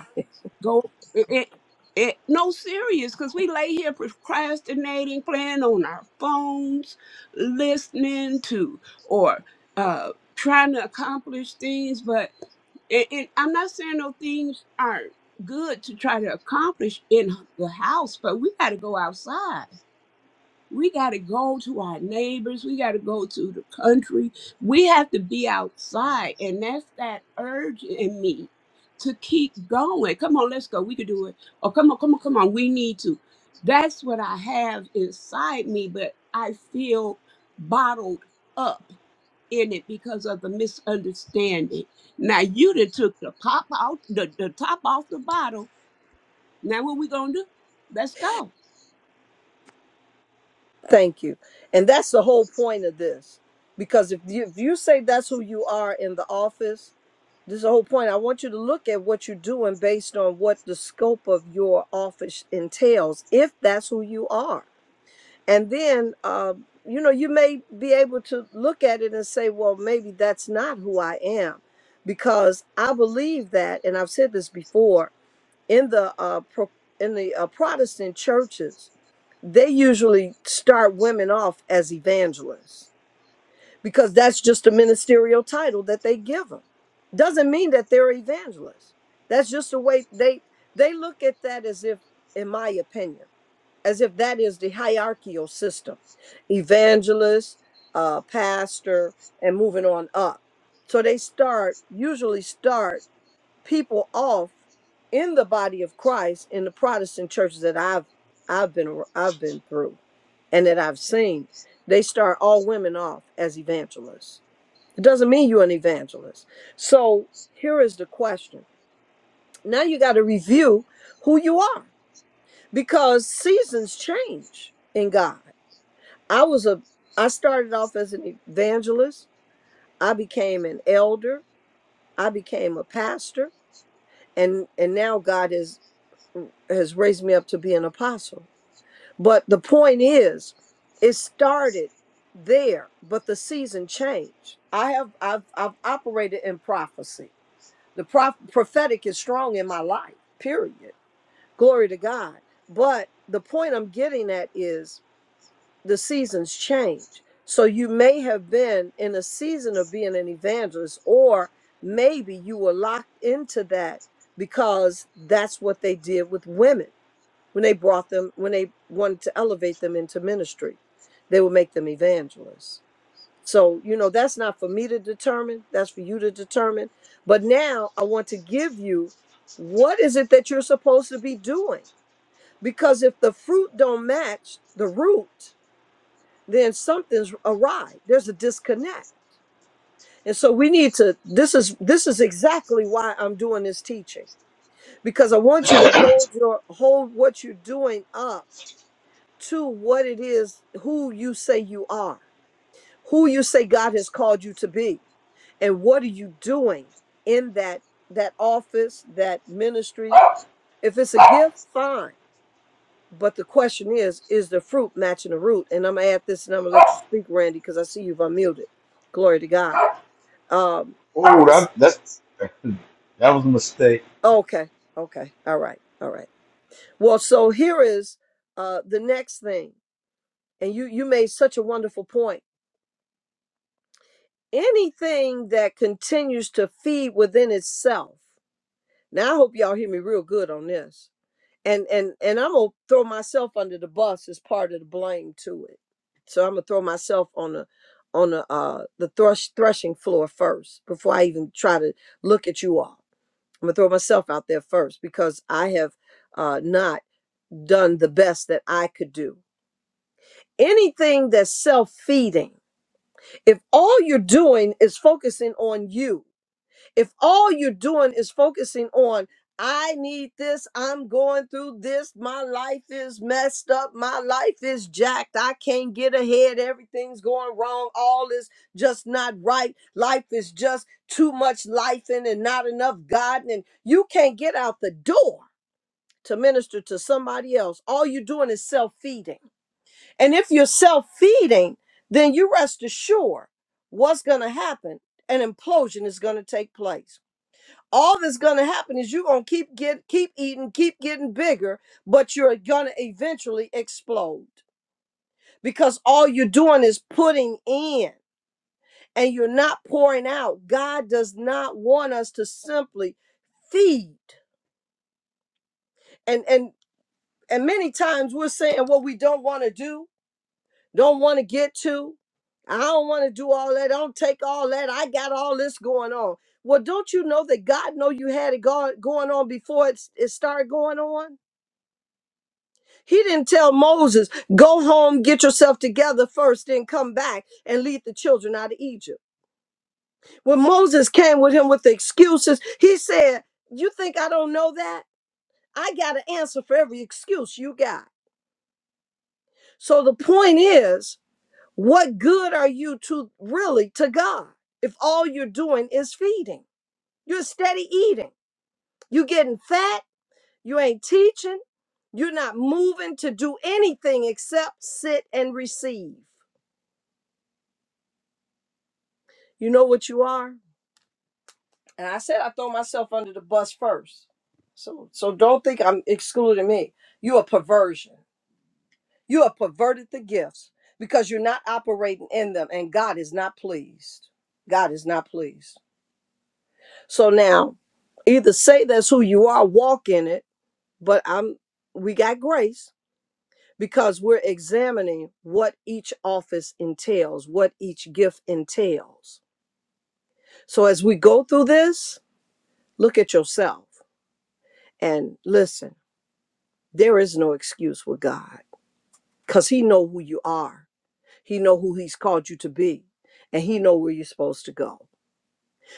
B: Go it, it, it no serious because we lay here procrastinating, playing on our phones, listening to or uh trying to accomplish things, but and, and I'm not saying no things aren't good to try to accomplish in the house, but we got to go outside we got to go to our neighbors. We got to go to the country. We have to be outside. And that's that urge in me to keep going. Come on, let's go. We can do it. Oh, come on, come on, come on. We need to. That's what I have inside me, but I feel bottled up in it because of the misunderstanding. Now you done took the pop out the, the top off the bottle. Now what we gonna do? Let's go.
D: Thank you. And that's the whole point of this, because if you if you say that's who you are in the office, this is the whole point. I want you to look at what you're doing based on what the scope of your office entails. If that's who you are and then um, you know you may be able to look at it and say well maybe that's not who i am because i believe that and i've said this before in the uh, pro- in the uh, protestant churches they usually start women off as evangelists because that's just a ministerial title that they give them doesn't mean that they're evangelists that's just the way they they look at that as if in my opinion as if that is the hierarchical system evangelist uh, pastor and moving on up so they start usually start people off in the body of christ in the protestant churches that i've i've been ar- i've been through and that i've seen they start all women off as evangelists it doesn't mean you're an evangelist so here is the question now you got to review who you are because seasons change in god I was a I started off as an evangelist. I became an elder. I became a pastor and and now God has has raised me up to be an apostle. But the point is it started there, but the season changed. I have I've I've operated in prophecy. The prof, prophetic is strong in my life. Period. Glory to God. But the point I'm getting at is the seasons change. So you may have been in a season of being an evangelist, or maybe you were locked into that because that's what they did with women when they brought them, when they wanted to elevate them into ministry. They would make them evangelists. So, you know, that's not for me to determine, that's for you to determine. But now I want to give you what is it that you're supposed to be doing? Because if the fruit don't match the root, then something's awry. There's a disconnect. And so we need to this is this is exactly why I'm doing this teaching because I want you to hold your hold what you're doing up to what it is who you say you are, who you say God has called you to be. And what are you doing in that that office, that ministry? If it's a gift, fine. But the question is, is the fruit matching the root? And I'm gonna add this and I'm gonna let you speak, Randy, because I see you've unmuted. Glory to God. um
E: Oh,
D: this
E: that that's that was a mistake.
D: okay okay all right all right well so here is uh the next thing and you you made such a wonderful point anything that continues to feed within itself now i hope y'all hear me real good on this and and and i'm gonna throw myself under the bus as part of the blame to it so i'm gonna throw myself on the on the uh the thrush threshing floor first before i even try to look at you all I'm gonna throw myself out there first because I have uh, not done the best that I could do. Anything that's self feeding, if all you're doing is focusing on you, if all you're doing is focusing on, I need this, I'm going through this, my life is messed up, my life is jacked, I can't get ahead, everything's going wrong, all is just not right, life is just too much life in and not enough God, and you can't get out the door to minister to somebody else. All you're doing is self feeding. And if you're self feeding, then you rest assured what's going to happen an implosion is going to take place. All that's going to happen is you're going to keep get keep eating, keep getting bigger, but you're going to eventually explode because all you're doing is putting in and you're not pouring out. God does not want us to simply feed. And and and many times we're saying what we don't want to do don't want to get to. I don't want to do all that. I Don't take all that. I got all this going on. Well, don't you know that God know you had it go- going on before it, s- it started going on? He didn't tell Moses, go home, get yourself together first, then come back and lead the children out of Egypt. When Moses came with him with the excuses, he said, you think I don't know that? I got an answer for every excuse you got. So the point is, What good are you to really to God if all you're doing is feeding? You're steady eating. You're getting fat. You ain't teaching. You're not moving to do anything except sit and receive. You know what you are? And I said I throw myself under the bus first. So so don't think I'm excluding me. You're a perversion. You have perverted the gifts because you're not operating in them and God is not pleased. God is not pleased. So now, either say that's who you are, walk in it, but I'm we got grace because we're examining what each office entails, what each gift entails. So as we go through this, look at yourself and listen. There is no excuse with God cuz he know who you are. He know who he's called you to be and he know where you're supposed to go.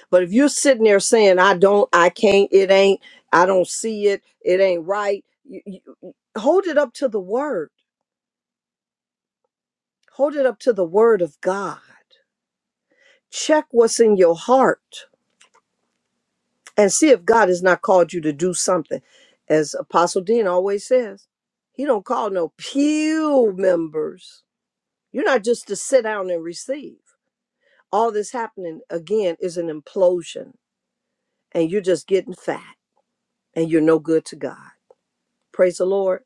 D: But if you're sitting there saying, I don't, I can't, it ain't, I don't see it, it ain't right, you, you, hold it up to the word. Hold it up to the word of God. Check what's in your heart and see if God has not called you to do something. As Apostle Dean always says, he don't call no pew members. You're not just to sit down and receive. All this happening again is an implosion, and you're just getting fat and you're no good to God. Praise the Lord.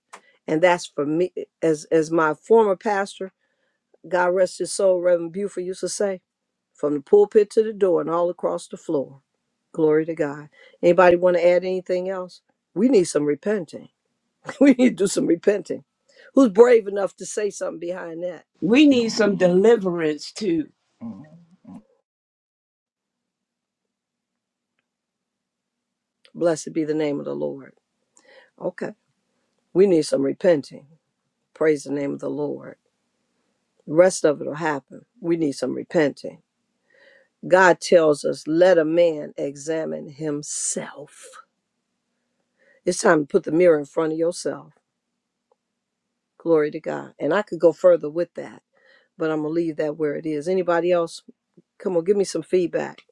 D: And that's for me, as as my former pastor, God rest his soul, Reverend Buford used to say, from the pulpit to the door and all across the floor. Glory to God. Anybody want to add anything else? We need some repenting. we need to do some repenting. Who's brave enough to say something behind that?
B: We need some deliverance too.
D: Blessed be the name of the Lord. Okay. We need some repenting. Praise the name of the Lord. The rest of it will happen. We need some repenting. God tells us, let a man examine himself. It's time to put the mirror in front of yourself. Glory to God. And I could go further with that, but I'm gonna leave that where it is. Anybody else? Come on, give me some feedback.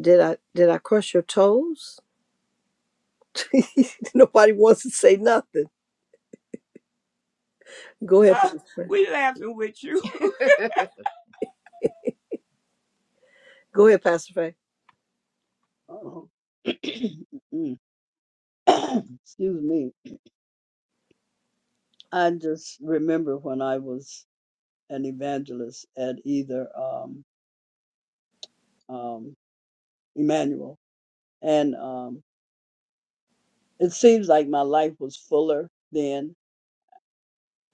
D: Did I did I crush your toes? Nobody wants to say nothing. Go ahead,
B: Uh,
D: Pastor. Fay.
B: we laughing with you.
D: Go ahead, Pastor Faye.
C: Oh. Excuse me. I just remember when I was an evangelist at either um, um, Emmanuel, and um, it seems like my life was fuller then.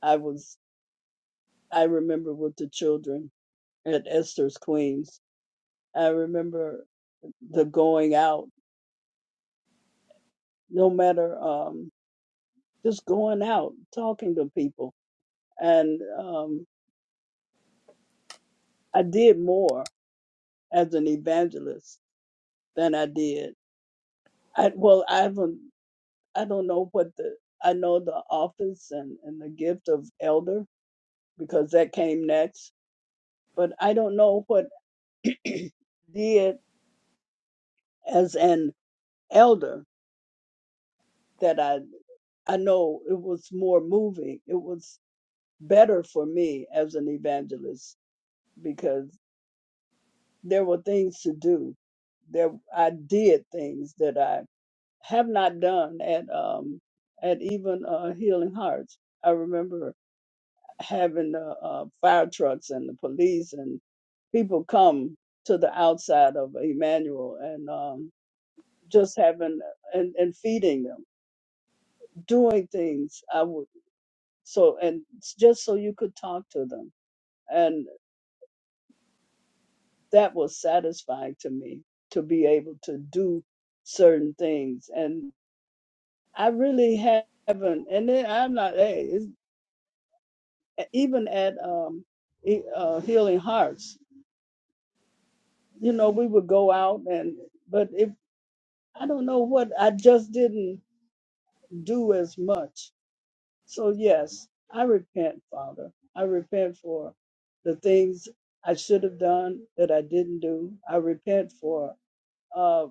C: I was. I remember with the children at Esther's Queens. I remember the going out no matter um, just going out talking to people and um, i did more as an evangelist than i did i well i haven't i don't know what the i know the office and, and the gift of elder because that came next but i don't know what did as an elder that i I know it was more moving. It was better for me as an evangelist because. there were things to do. There, I did things that I have not done at um at even uh, Healing Hearts. I remember having the uh, fire trucks and the police and people come to the outside of Emmanuel and um, just having uh, and, and feeding them, doing things. I would so and s- just so you could talk to them, and that was satisfying to me to be able to do certain things. and. I really haven't. And then I'm not, hey, it's, eh, even at um, e- uh, Healing Hearts, you know, we would go out and, but if, I don't know what, I just didn't do as much. So, yes, I repent, Father. I repent for the things I should have done that I didn't do. I repent for uh,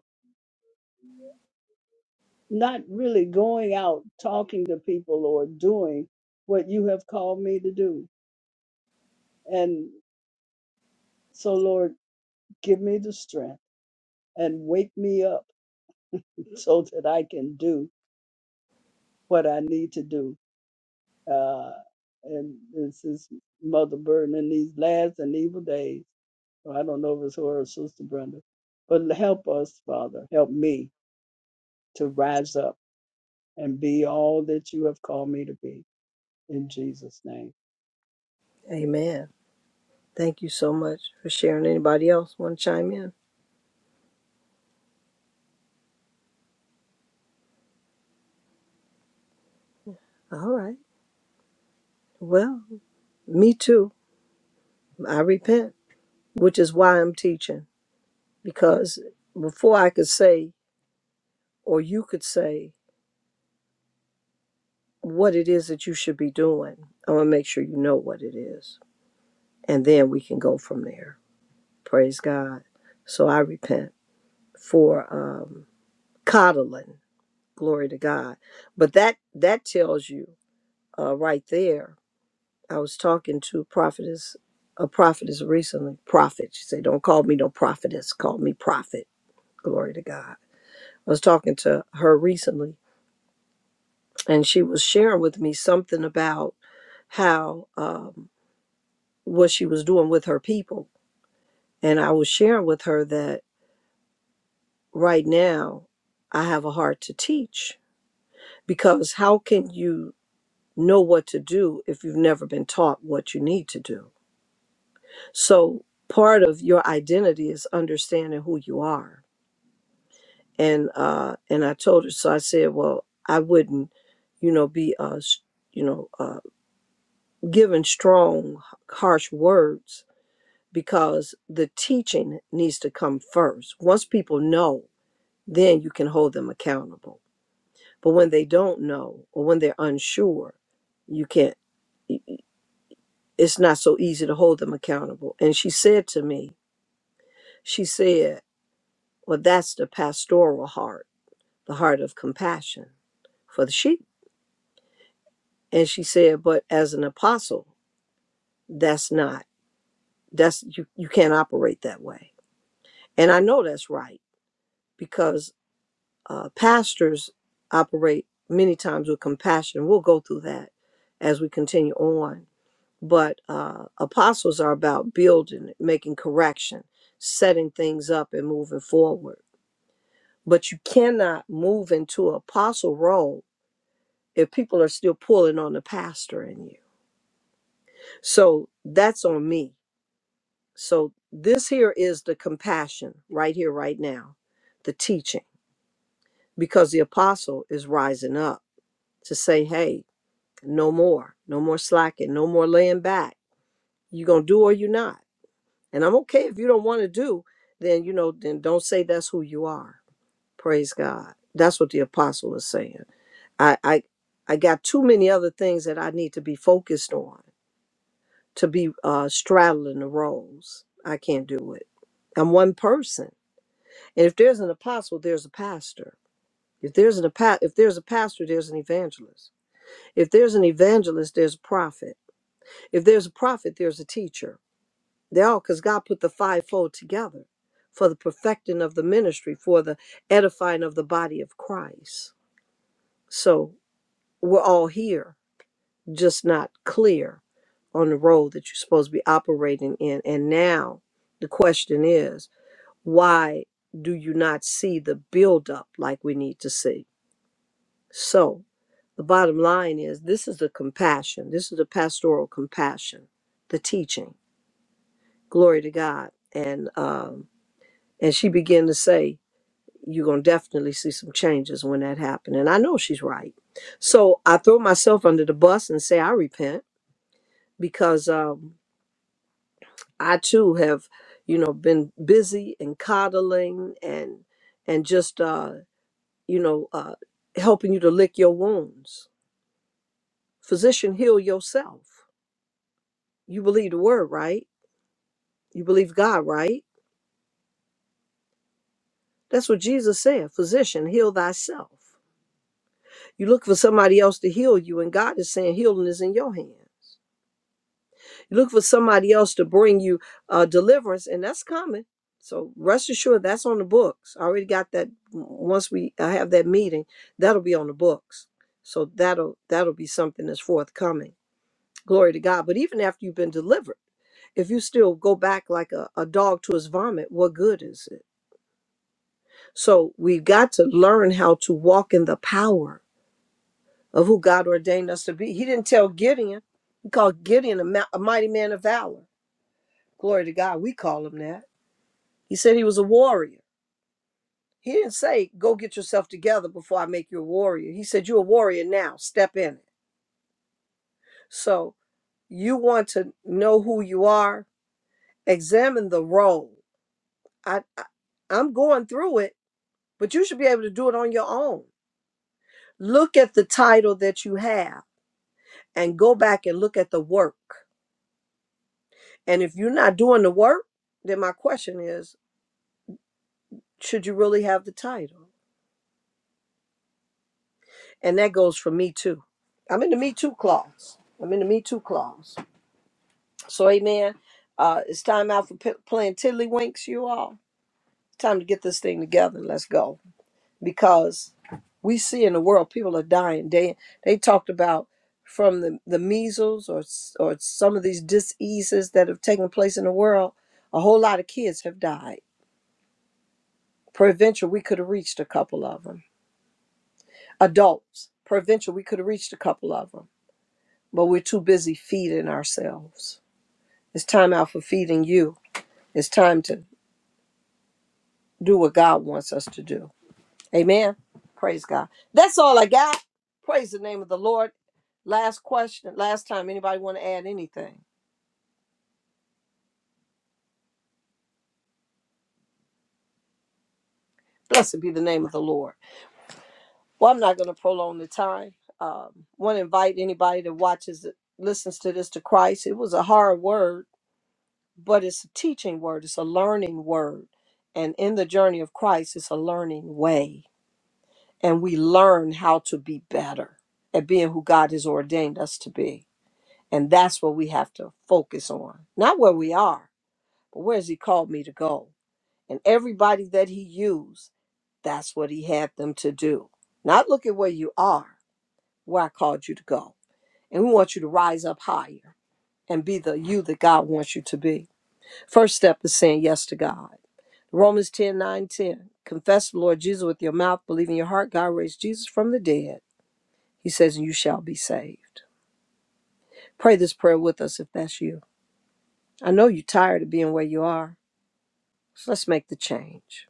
C: not really going out talking to people or doing what you have called me to do. And so, Lord, Give me the strength and wake me up so that I can do what I need to do. Uh, and this is Mother Burton in these last and evil days. Well, I don't know if it's her or Sister Brenda, but help us, Father. Help me to rise up and be all that you have called me to be. In Jesus' name.
D: Amen. Thank you so much for sharing. Anybody else want to chime in? All right. Well, me too. I repent, which is why I'm teaching. because before I could say, or you could say, what it is that you should be doing, I'm going to make sure you know what it is. And then we can go from there. Praise God. So I repent for um, coddling. Glory to God. But that that tells you uh, right there. I was talking to prophetess, a prophetess recently. Prophet, she said, "Don't call me no prophetess. Call me prophet." Glory to God. I was talking to her recently, and she was sharing with me something about how um, what she was doing with her people and i was sharing with her that right now i have a heart to teach because how can you know what to do if you've never been taught what you need to do so part of your identity is understanding who you are and uh and i told her so i said well i wouldn't you know be uh s- you know uh given strong harsh words because the teaching needs to come first. Once people know, then you can hold them accountable. But when they don't know or when they're unsure, you can't, it's not so easy to hold them accountable. And she said to me, she said, Well, that's the pastoral heart, the heart of compassion for the sheep. And she said, But as an apostle, that's not, that's, you, you can't operate that way. And I know that's right because. uh, pastors operate many times with compassion. We'll go through that as we continue on. But uh, apostles are about building, making correction, setting things up, and moving forward. But you cannot move into an apostle role if people are still pulling on the pastor in you. So that's on me. So this here is the compassion right here, right now, the teaching, because the apostle is rising up to say, hey, No more. No more slacking. No more laying back. you are going to do or you are not. And I'm okay if you don't want to do, then, you know, then don't say that's who you are. Praise God. That's what the apostle is saying. I, I, I got too many other things that I need to be focused on to be uh, straddling the roles. I can't do it. I'm one person. And if there's an apostle, there's a pastor. If there's an apo- if there's a pastor, there's an evangelist. If there's an evangelist, there's a prophet. If there's a prophet, there's a teacher. They all because God put the fivefold together for the perfecting of the ministry, for the edifying of the body of Christ. So we're all here, just not clear on the road that you're supposed to be operating in. And now the question is, why do you not see the buildup like we need to see? So the bottom line is this is the compassion, this is the pastoral compassion, the teaching. glory to god and um and she began to say you're going to definitely see some changes when that happened and i know she's right so i throw myself under the bus and say i repent because um i too have you know been busy and coddling and and just uh you know uh helping you to lick your wounds physician heal yourself you believe the word right you believe god right that's what jesus said physician heal thyself You look for somebody else to heal you, and God is saying healing is in your hand. You look for somebody else to bring you uh, deliverance, and that's coming. So rest assured, that's on the books. I already got that. Once we I have that meeting, that'll be on the books. So that'll that'll be something that's forthcoming. Glory to God. But even after you've been delivered if you still go back like a, a dog to his vomit, what good is it? So we've got to learn how to walk in the power of who God ordained us to be. He didn't tell Gideon. He called Gideon a, ma- a mighty man of valor. Glory to God. We call him that. He said he was a warrior. He didn't say, go get yourself together before I make you a warrior. He said, you're a warrior now. Step in it. So you want to know who you are? Examine the role. I, I, I'm going through it, but you should be able to do it on your own. Look at the title that you have and go back and look at the work. And if you're not doing the work, then my question is, should you really have the title? And that goes for me too. I'm in the Me Too clause. I'm in the Me Too clause. So, amen. Uh, it's time out for p- playing tiddlywinks, you all. Time to get this thing together. Let's go. Because we see in the world people are dying. They, they talked about from the, the measles or, s- or some of these diseases that have taken place in the world, a whole lot of kids have died. Peradventure, we could have reached a couple of them adults. Provincial, we could have reached a couple of them, but we're too busy feeding ourselves. It's time out for feeding you. It's time to do what God wants us to do. Amen. Praise God. That's all I got. Praise the name of the Lord. Last question. Last time, anybody want to add anything? Blessed be the name of the Lord. Well, I'm not going to prolong the time. Um, want to invite anybody that watches, listens to this to Christ. It was a hard word but it's a teaching word, it's a learning word. And in the journey of Christ, it's a learning way. And we learn how to be better at being who God has ordained us to be. And that's what we have to focus on. Not where we are, but where has He called me to go? And everybody that He used, that's what He had them to do. Not look at where you are, where I called you to go. And we want you to rise up higher and be the you that God wants you to be First step is saying yes to God. Romans 10 nine, 10. Confess the Lord Jesus with your mouth, believe in your heart God raised Jesus from the dead. He says, and you shall be saved. Pray this prayer with us if that's you. I know you're tired of being where you are, so let's make the change.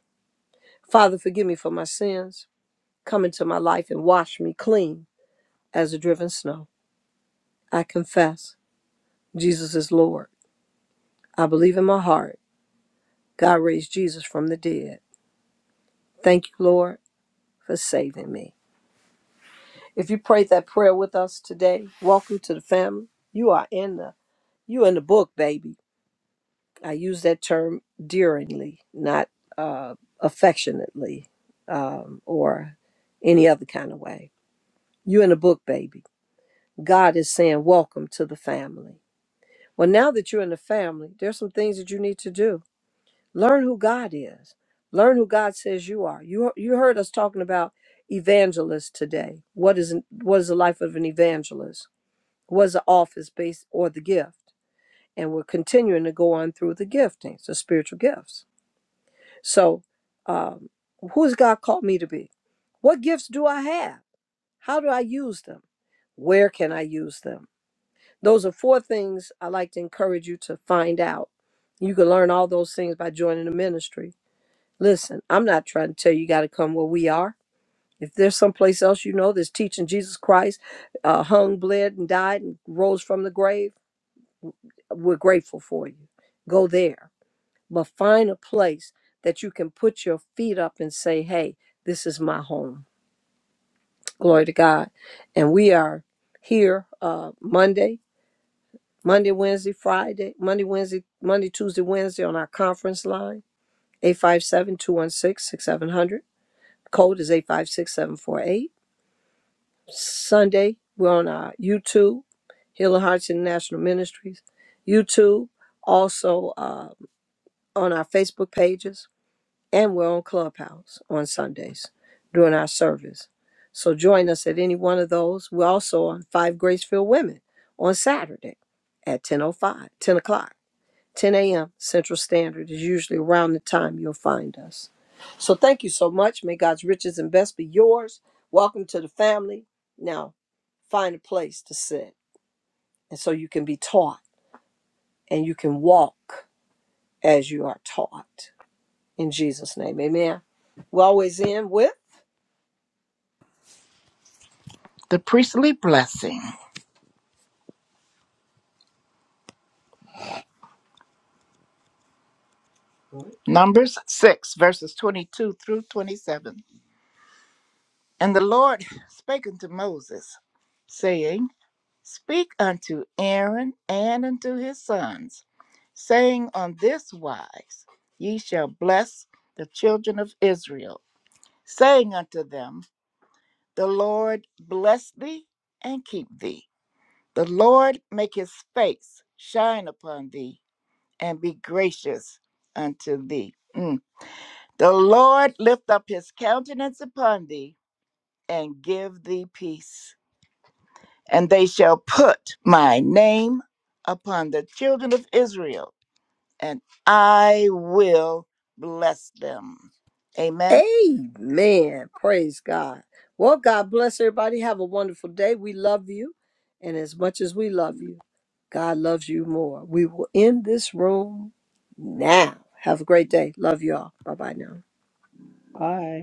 D: Father, forgive me for my sins. Come into my life and wash me clean as the driven snow. I confess Jesus is Lord. I believe in my heart God raised Jesus from the dead. Thank you, Lord, for saving me. If you prayed that prayer with us today, welcome to the family. You are in the you in the book, baby. I use that term dearingly, not uh, affectionately um, or any other kind of way. You in the book, baby. God is saying, Welcome to the family. Well, now that you're in the family, there's some things that you need to do. Learn who God is. Learn who God says you are. You you heard us talking about evangelists today. What is an- what is the life of an evangelist? was the office based or the gift. And we're continuing to go on through the giftings, the spiritual gifts. So, um, who's God called me to be? What gifts do I have? How do I use them? Where can I use them? Those are four things I like to encourage you to find out. You can learn all those things by joining the ministry. Listen, I'm not trying to tell you you got to come where we are. If there's someplace else you know that's teaching Jesus Christ, uh, hung, bled, and died, and rose from the grave We're grateful for you. Go there, but find a place that you can put your feet up and say, hey, this is my home. Glory to God. And we are here uh, Monday, Monday, Wednesday, Friday, Monday, Wednesday, Monday, Tuesday, Wednesday on our conference line, eight five seven two one six six seven hundred. Code is 856748. Sunday, we're on our YouTube, Healing Hearts International Ministries, YouTube, also uh, on our Facebook pages. and we're on Clubhouse on Sundays during our service. So join us at any one of those. We're also on Five Gracefield Women on Saturday at 10.05, 10 o'clock, 10 a.m. Central Standard is usually around the time you'll find us. So thank you so much. May God's riches and best be yours. Welcome to the family. Now find a place to sit and so you can be taught and you can walk as you are taught. In Jesus' name, amen. We always end with
B: The priestly blessing. Numbers 6, verses 22 through 27. And the Lord spake unto Moses, saying, Speak unto Aaron and unto his sons, saying, On this wise ye shall bless the children of Israel, saying unto them, The Lord bless thee and keep thee. The Lord make his face shine upon thee and be gracious unto thee. Mm. The Lord lift up his countenance upon thee and give thee peace. And they shall put my name upon the children of Israel, and I will bless them. Amen.
D: Amen. Praise God. Well, God bless everybody. Have a wonderful day. We love you. And as much as we love you, God loves you more. We will end this room now. Have a great day. Love you all. Bye bye now.
C: Aye.